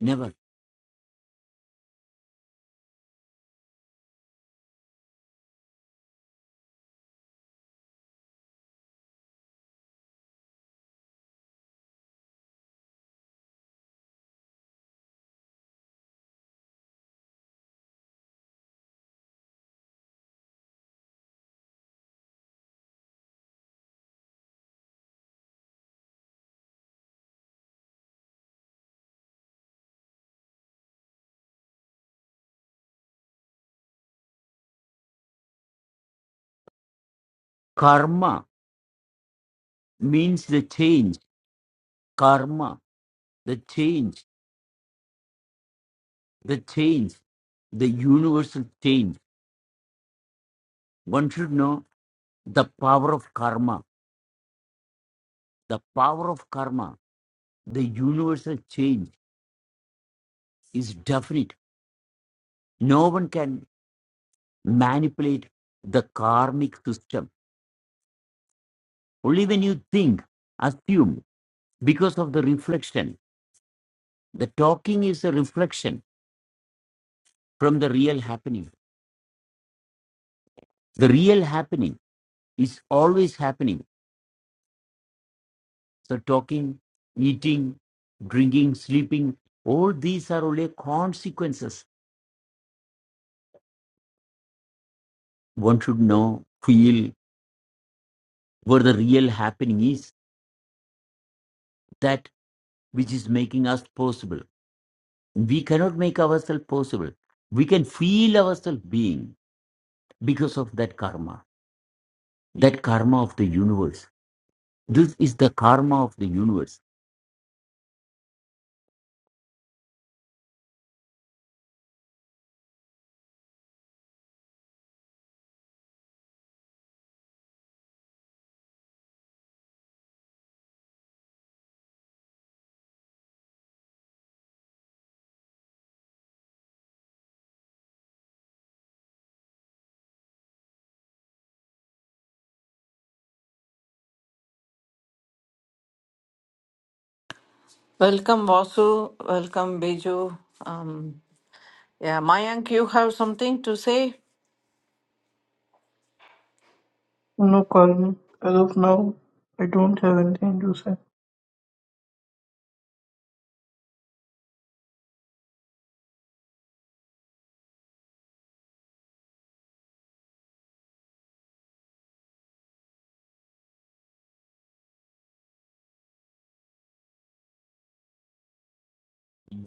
S3: Never. Karma means the change. Karma, the change, the change, the universal change. One should know the power of karma. The power of karma, the universal change is definite. No one can manipulate the karmic system. Only when you think, assume, because of the reflection, the talking is a reflection from the real happening. The real happening is always happening. So, talking, eating, drinking, sleeping, all these are only consequences. One should know, feel where the real happening is, that which is making us possible. We cannot make ourselves possible. We can feel ourselves being because of that karma, that karma of the universe. This is the karma of the universe.
S1: Welcome, Vasu. Welcome, Biju. Um, yeah, Mayank, you have something to say?
S4: No, Carmen, as of now, I don't have anything to say.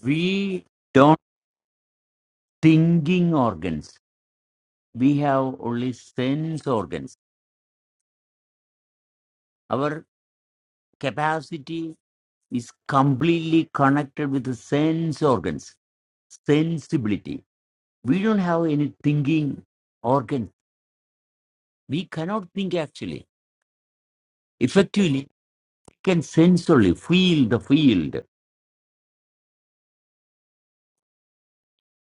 S3: We don't thinking organs. We have only sense organs. Our capacity is completely connected with the sense organs, sensibility. We don't have any thinking organ. We cannot think actually. Effectively, we can sensorily feel the field.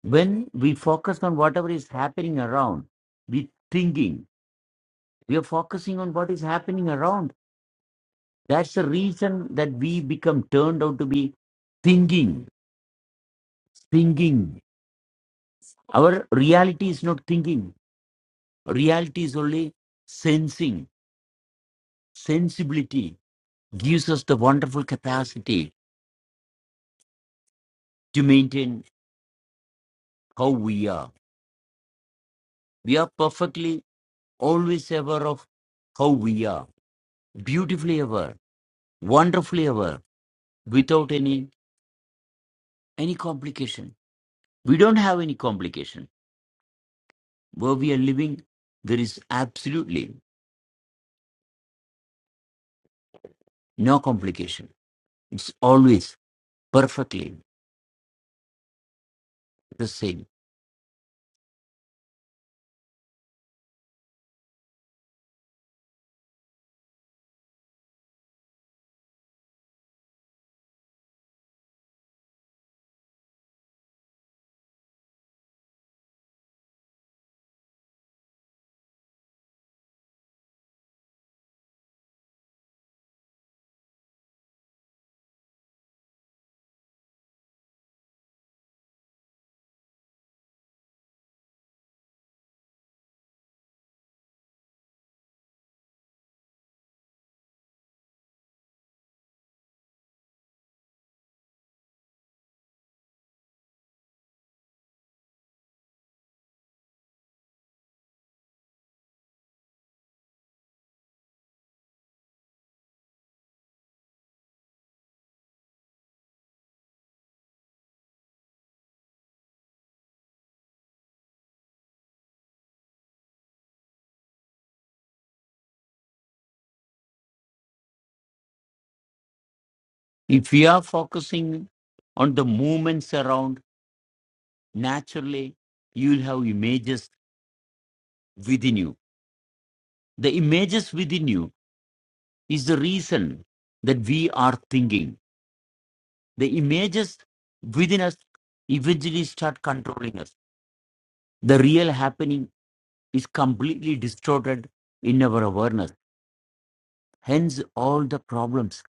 S3: when we focus on whatever is happening around we thinking we are focusing on what is happening around that's the reason that we become turned out to be thinking thinking our reality is not thinking reality is only sensing sensibility gives us the wonderful capacity to maintain how we are we are perfectly always aware of how we are beautifully aware wonderfully aware without any any complication. We don't have any complication. Where we are living, there is absolutely no complication. It's always perfectly the same. If we are focusing on the movements around, naturally, you will have images within you. The images within you is the reason that we are thinking. The images within us eventually start controlling us. The real happening is completely distorted in our awareness. Hence, all the problems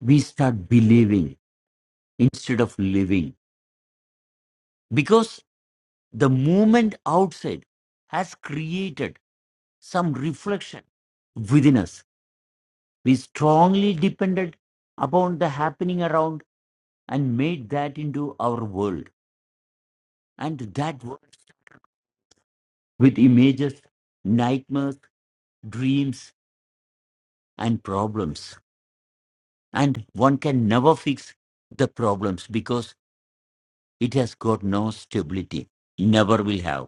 S3: we start believing instead of living because the movement outside has created some reflection within us. We strongly depended upon the happening around and made that into our world, and that works with images, nightmares, dreams, and problems. And one can never fix the problems because It has got no stability, never will have.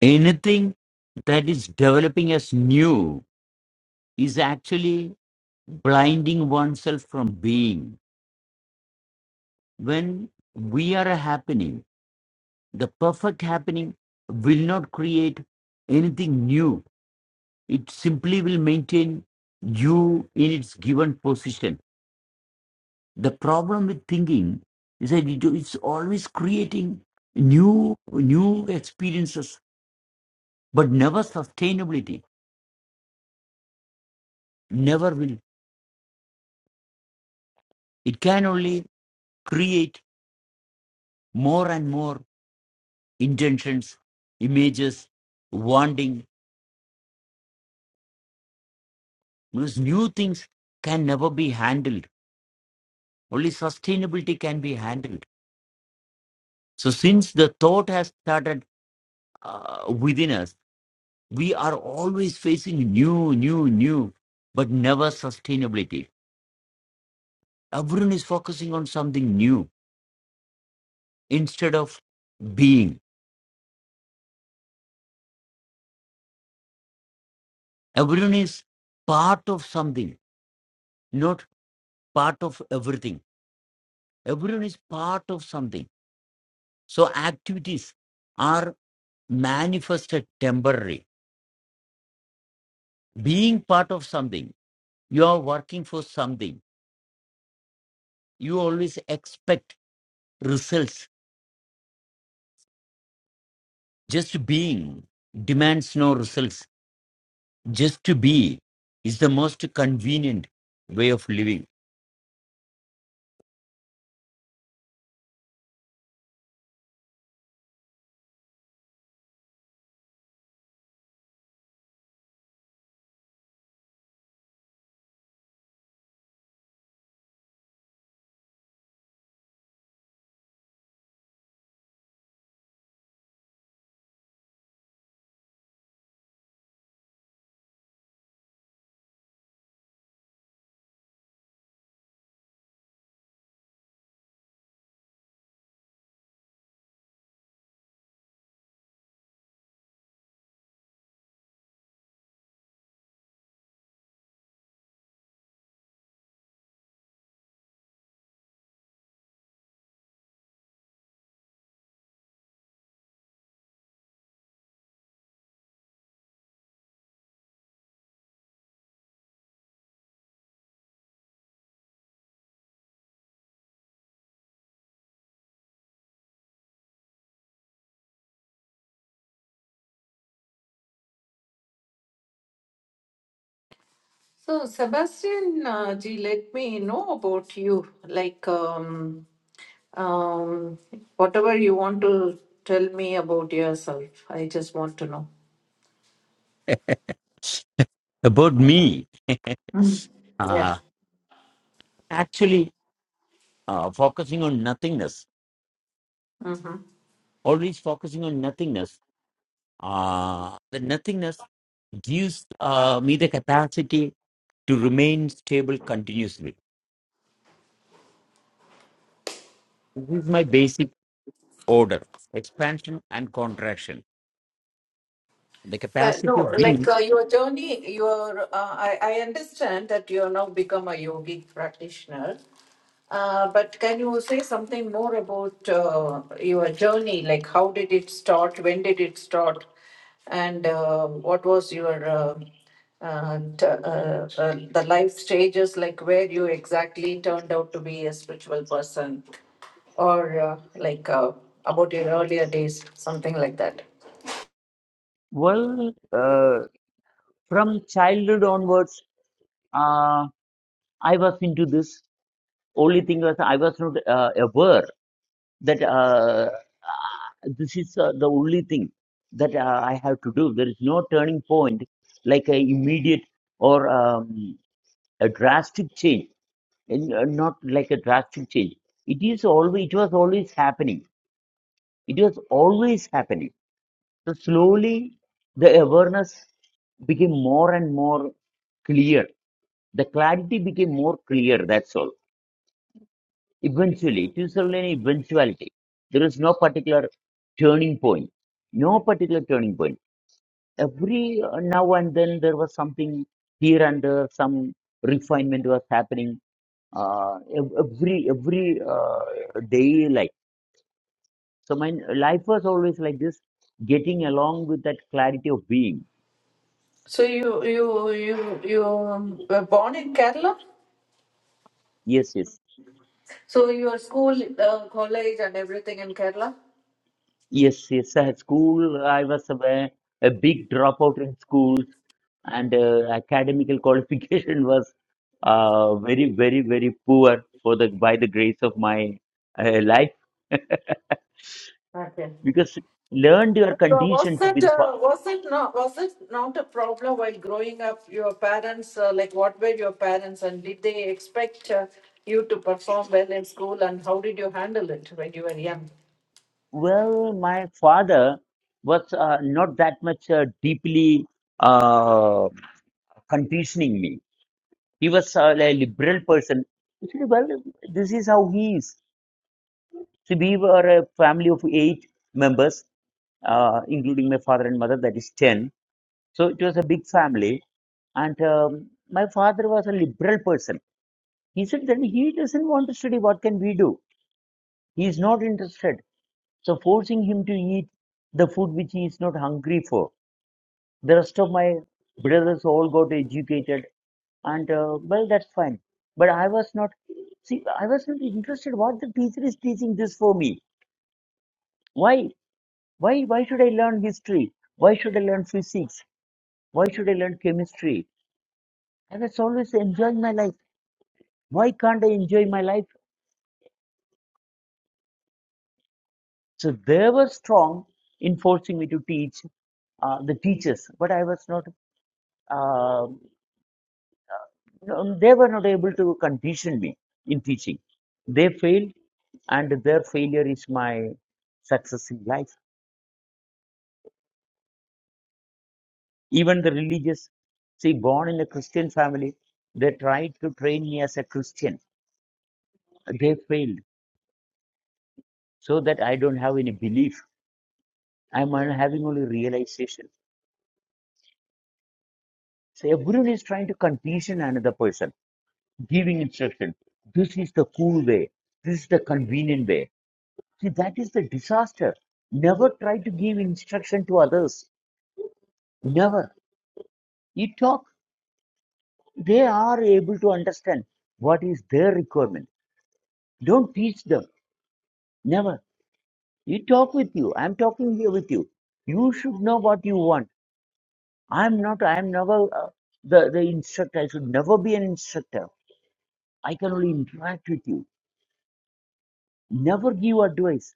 S3: Anything that is developing as new is actually blinding oneself from being. When we are a happening, the perfect happening will not create anything new. It simply will maintain you in its given position. The problem with thinking is that it- it's always creating new new experiences, but never sustainability never will. It can only create more and more intentions, images, wanting. Because new things can never be handled. Only sustainability can be handled. So, since the thought has started uh, within us, we are always facing new, new, new, but never sustainability. Everyone is focusing on something new instead of being. Everyone is part of something, not part of everything Everyone is part of something. So activities are manifested temporary. Being part of something, you are working for something. You always expect results. Just being demands no results. Just to be is the most convenient way of living.
S1: So, Sebastian uh, G, let me know about you. Like, um, um, whatever you want to tell me about yourself, I just want to know.
S3: About me,
S1: Mm. Yeah.
S3: uh, actually, uh, focusing on nothingness,
S1: Mm-hmm.
S3: always focusing on nothingness Uh, the nothingness gives uh, me the capacity to remain stable continuously. This is my basic order expansion and contraction. The
S1: Uh,
S3: capacity
S1: no,
S3: of
S1: like
S3: being,
S1: uh, your journey, your uh, I, I understand that you have now become a yogic practitioner, uh, but can you say something more about uh, your journey? Like, how did it start? When did it start? And uh, what was your uh, uh, t- uh, uh, the life stages? Like, where you exactly turned out to be a spiritual person, or uh, like uh, about your earlier days, something like that.
S3: Well, uh, from childhood onwards, uh, I was into this. Only thing was I was not uh, aware that uh, uh, this is uh, the only thing that uh, I have to do. There is no turning point, like a immediate or. um, a drastic change and uh, not like a drastic change it is always it was always happening it was always happening so slowly the awareness became more and more clear the clarity became more clear that's all eventually it is only an eventuality there is no particular turning point no particular turning point every uh, now and then there was something here and there some refinement was happening uh, ev- every every uh, daily life. So my life was always like this, getting along with that clarity of being.
S1: So you you you you um, were born in Kerala?
S3: Yes, yes,
S1: So your school, uh, college, and everything in Kerala?
S3: yes, yes. At school, I was a, a big dropout in school, and uh, academical qualification was uh, very, very, very poor for the by the grace of my uh, life,
S1: Okay.
S3: because learned your
S1: So
S3: condition
S1: was
S3: to be
S1: it
S3: the
S1: uh, was it not was it not a problem while growing up? Your parents uh, like what were your parents and did they expect uh, you to perform well in school and how did you handle it when you were young?
S3: Well, my father was uh, not that much uh, deeply uh, conditioning me. He was uh, a liberal person. He said, well, this is how he is. So we were a family of eight members, uh, including my father and mother, that is 10. So it was a big family. And um, my father was a liberal person. He said, then he doesn't want to study. What can we do? He is not interested. So forcing him to eat the food which he is not hungry for The rest of my brothers all got educated, and uh, well, that's fine. But I was not. See, I was not interested. What the teacher is teaching this for me? Why? Why? Why should I learn history? Why should I learn physics? Why should I learn chemistry? I was always enjoying my life. Why can't I enjoy my life? So they were strong in forcing me to teach uh, the teachers, but I was not. Uh, no, they were not able to condition me in teaching. They failed and their failure is my success in life. Even the religious, see, born in a Christian family, they tried to train me as a Christian. They failed so that I don't have any belief. I'm only having only realization. So everyone is trying to condition another person, giving instruction. This is the cool way. This is the convenient way. See, that is the disaster. Never try to give instruction to others. Never. You talk they are able to understand what is their requirement. Don't teach them. Never. You talk with you. I'm talking here with you. You should know what you want. I'm not, I'm never uh, the, the instructor. I should never be an instructor. I can only interact with you. Never give advice.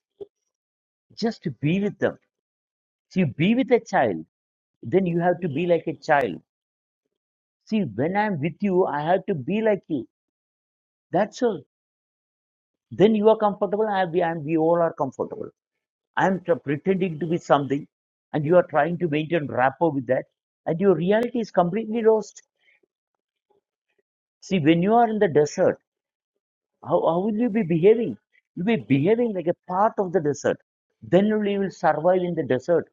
S3: Just to be with them. See, be with a child. Then you have to be like a child. See, when I'm with you, I have to be like you. That's all. Then you are comfortable. I, we, I'm, we all are comfortable I'm pretending to be something, and you are trying to maintain rapport with that, and your reality is completely lost. See, when you are in the desert, how, how will you be behaving? You'll be behaving like a part of the desert. Then only you will survive in the desert.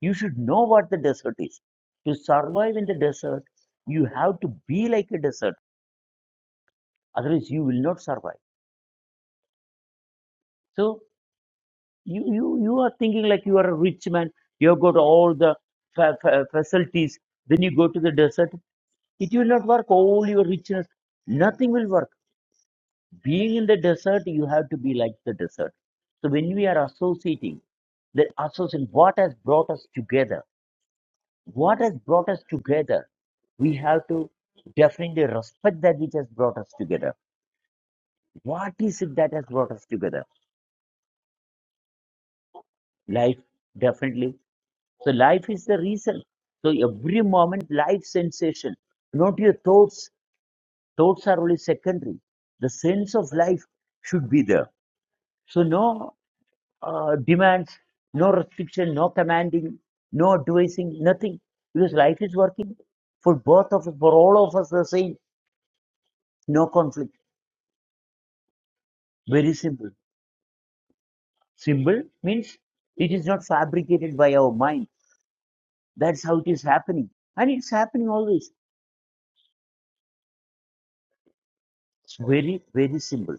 S3: You should know what the desert is. To survive in the desert, you have to be like a desert, otherwise, you will not survive. So, you, you, you are thinking like you are a rich man, you have got all the fa- fa- facilities, then you go to the desert It will not work. All your richness, nothing will work. Being in the desert, you have to be like the desert. So when we are associating, the association, what has brought us together? What has brought us together? We have to definitely respect that which has brought us together. What is it that has brought us together? Life, definitely. So life is the reason. So every moment, life sensation, not your thoughts. Thoughts are only secondary. The sense of life should be there. So no. uh, demands, no restriction, no commanding, no advising, nothing. Because life is working for both of us, for all of us the same, no conflict. Very simple. Simple means it is not fabricated by our mind. That's how it is happening. And it's happening always. It's very, very simple.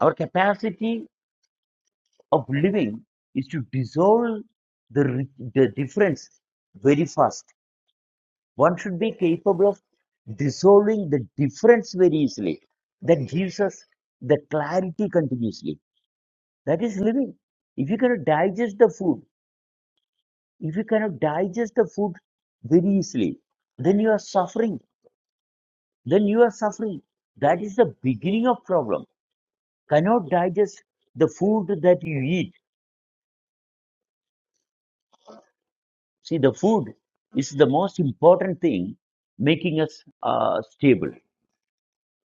S3: Our capacity of living is to dissolve the, the difference very fast one should be capable of dissolving the difference very easily. That gives us the clarity continuously. That is living. If you cannot digest the food, if you cannot digest the food very easily, then you are suffering. Then you are suffering. That is the beginning of problem. Cannot digest the food that you eat. See, the food is the most important thing making us uh, stable.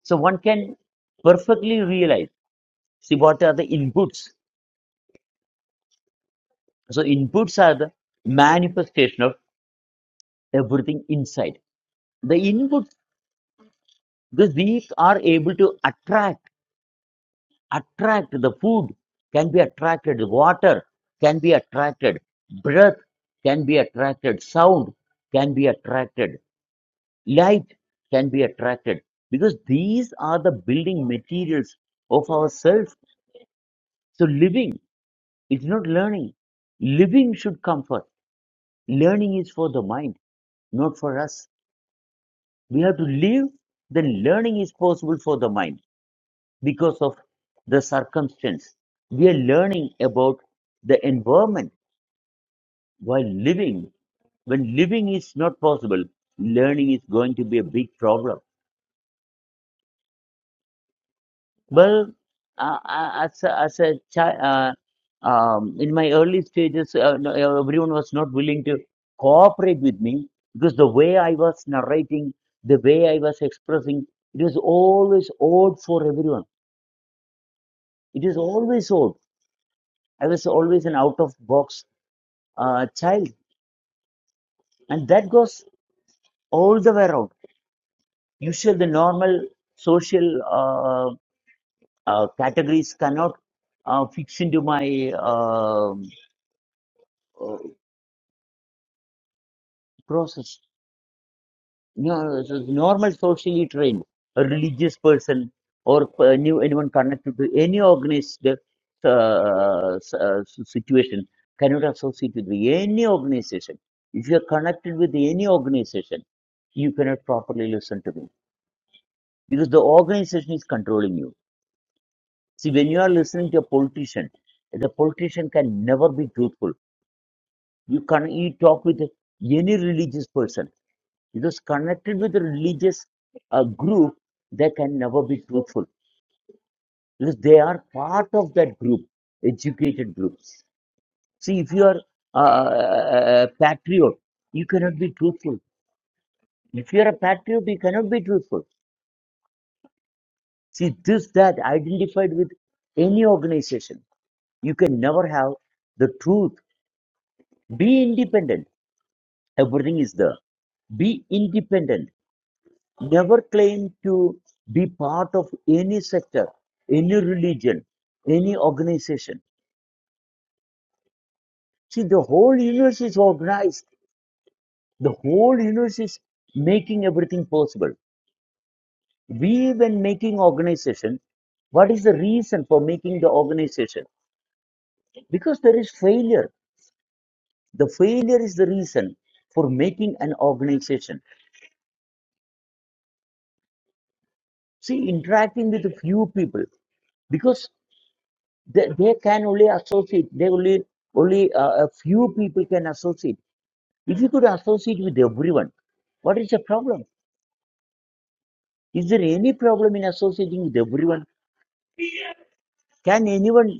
S3: So one can perfectly realize. See, what are the inputs? So inputs are the manifestation of everything inside. The inputs, the weak are able to attract, attract the food can be attracted, water can be attracted, breath can be attracted, sound can be attracted, light can be attracted. Because these are the building materials of ourselves. So living is not learning. Living should come first. Learning is for the mind not for us. We have to live, then learning is possible for the mind because of the circumstance. We are learning about the environment while living. When living is not possible, learning is going to be a big problem Well, uh, uh, as a, as a child, uh, um, in my early stages, uh, no, uh, everyone was not willing to cooperate with me because the way I was narrating, the way I was expressing, it was always odd for everyone. It is always odd. I was always an out of box uh, child, and that goes all the way around. Usually, the normal social uh, uh, categories cannot uh, fix into my um uh, process. No, no, no. so the normal socially trained, a religious person, or uh, new anyone connected to any organized uh, s- uh, s- situation cannot associate with any organization. If you are connected with any organization, you cannot properly listen to me because the organization is controlling you. See, when you are listening to a politician, the politician can never be truthful. You can you talk with any religious person Because connected with a religious uh, group, they can never be truthful because they are part of that group, educated groups. See, if you are uh, a patriot, you cannot be truthful. If you are a patriot, you cannot be truthful. See, this, that, identified with any organization, you can never have the truth. Be independent. Everything is there. Be independent never claimed to be part of any sector, any religion, any organization. See, the whole universe is organized. The whole universe is making everything possible. We, when making organization, what is the reason for making the organization? Because there is failure. The failure is the reason for making an organization. See, interacting with a few people. because. they, they can only associate they only only uh, a few people can associate if you could associate with everyone what is the problem is there any problem in associating with everyone can anyone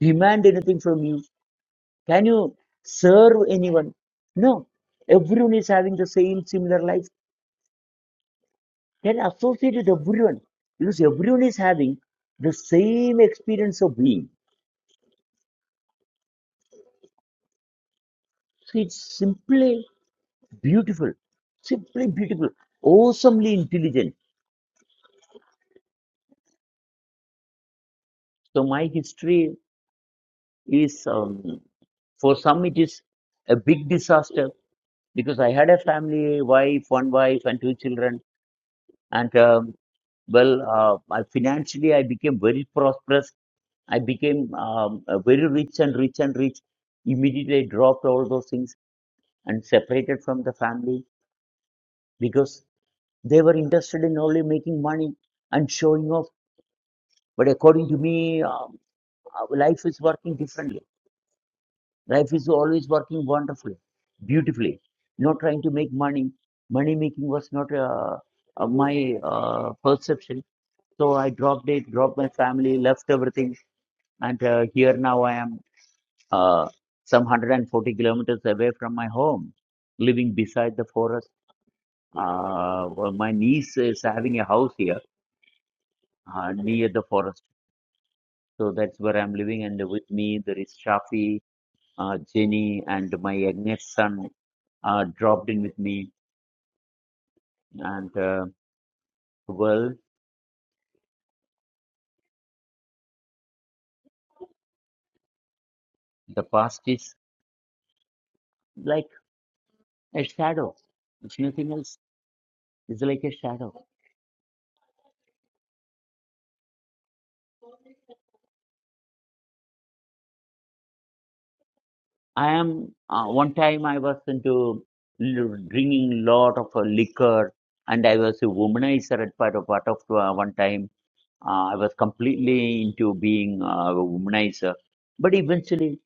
S3: demand anything from you can you serve anyone no everyone is having the same similar life then associate with everyone because everyone is having the same experience of being so it's simply beautiful simply beautiful awesomely intelligent So my history is um, for some it is a big disaster because I had a family, wife, one wife, and two children, and um, well, uh, I, financially I became very prosperous. I became um, uh, very rich and rich and rich. Immediately I dropped all those things and separated from the family because they were interested in only making money and showing off. But according to me, um, uh, life is working differently Life is always working wonderfully, beautifully. Not trying to make money. Money making was not uh, uh, my uh, perception. So I dropped it, dropped my family, left everything, and uh, here now I am uh, some 140 kilometers away from my home, living beside the forest. Uh, well, my niece is having a house here uh, near the forest, so that's where I'm living. And with me there is Shafi, uh, Jenny, and my youngest son uh, dropped in with me And uh, well, the past is like a shadow. It's nothing else, it's like a shadow. I am uh, one time I was into l- drinking lot of uh, liquor, and I was a womanizer at part of part of uh, one time. Uh, I was completely into being uh, a womanizer, but eventually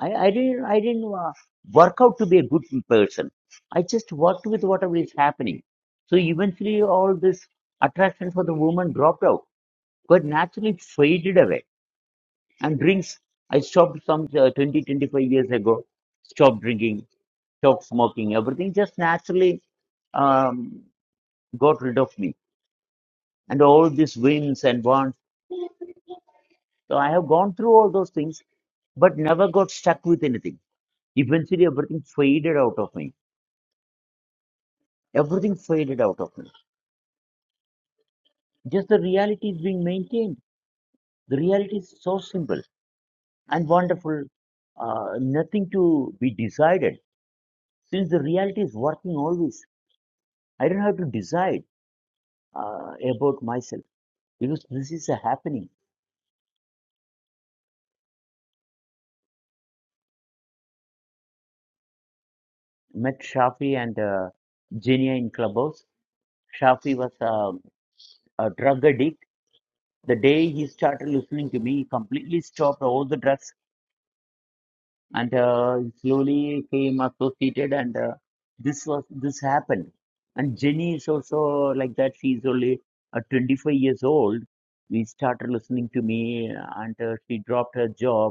S3: I, I didn't I didn't uh, work out to be a good person. I just worked with whatever is happening. So eventually, all this attraction for the woman dropped out got naturally faded away. And drinks, I stopped some uh, 20, 25 years ago, stopped drinking, stopped smoking, everything just naturally um, got rid of me. And all these whims and wants. So I have gone through all those things, but never got stuck with anything. Eventually, everything faded out of me. Everything faded out of me. Just the reality is being maintained. The reality is so simple and wonderful. Uh, nothing to be decided Since the reality is working always, I don't have to decide uh, about myself because this is a happening. Met Shafi and uh, Genia in clubhouse. Shafi was um a drug addict. The day he started listening to me, he completely stopped all the drugs and uh, slowly came associated. And uh, this was this happened. And Jenny is also like that. She's only uh, 25 years old. We started listening to me, and uh, she dropped her job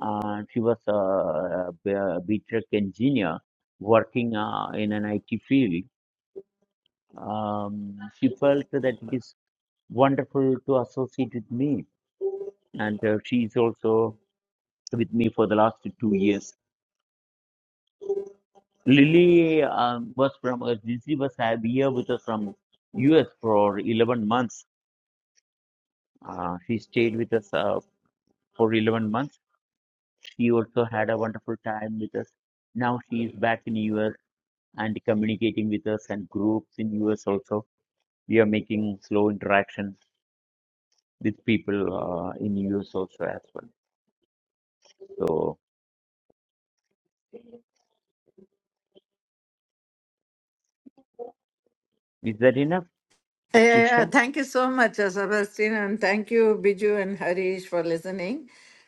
S3: Uh, she was a a BTech engineer working uh, in an IT field. Um, she felt that it is wonderful to associate with me, and uh, she is also with me for the last two years. Lily um, was from uh, Lizzy was have- here with us from US for 11 months. Uh, she stayed with us uh, for 11 months. She also had a wonderful time with us. Now she is back in US and communicating with us and groups in US also. We are making slow interactions with people uh, in US also as well. So is that enough,
S1: Yeah, yeah,
S3: Usha?
S1: thank you so much, uh, Sebastian, and thank you, Biju and Harish, for listening.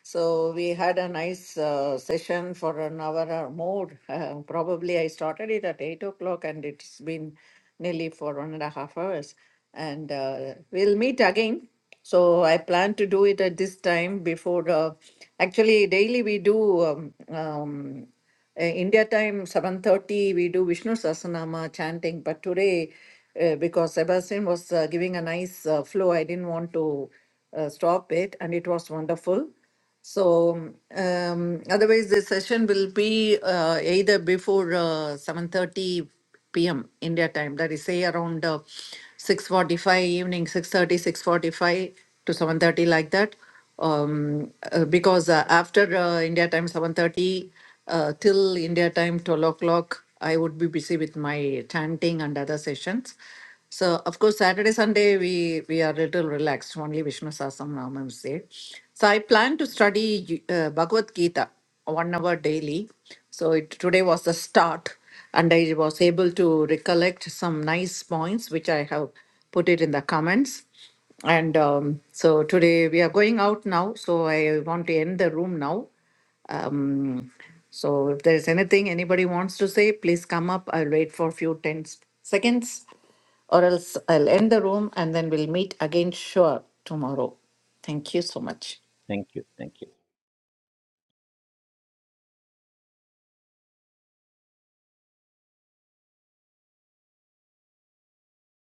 S1: So we had a nice uh, session for an hour or more. Uh, probably I started it at eight o'clock, and it's been nearly for one and a half hours. And uh, we'll meet again. So I plan to do it at this time before. Uh, actually, daily we do um, um, uh, India time 7:30 we do Vishnu Sasanama chanting, but today uh, because Sebastian was uh, giving a nice uh, flow, I didn't want to uh, stop it, and it was wonderful. So um, otherwise, this session will be uh, either before uh, 7.30 p.m. India time, that is say around uh, 6.45 evening, six thirty, six forty five to 7.30 like that. Um, uh, because uh, after uh, India time 7.30 uh, till India time 12 o'clock, I would be busy with my chanting and other sessions. So of course Saturday, Sunday we we are a little relaxed. Only Vishnu Sasam Namam is there. So I plan to study uh, Bhagavad Gita one hour daily. So it, today was the start, and I was able to recollect some nice points which I have put it in the comments. And um, so today we are going out now. So I want to end the room now. Um, so if there is anything anybody wants to say, please come up. I'll wait for a few ten seconds or else I'll end the room and then we'll meet again, sure, tomorrow. Thank you so much.
S3: Thank you. Thank you.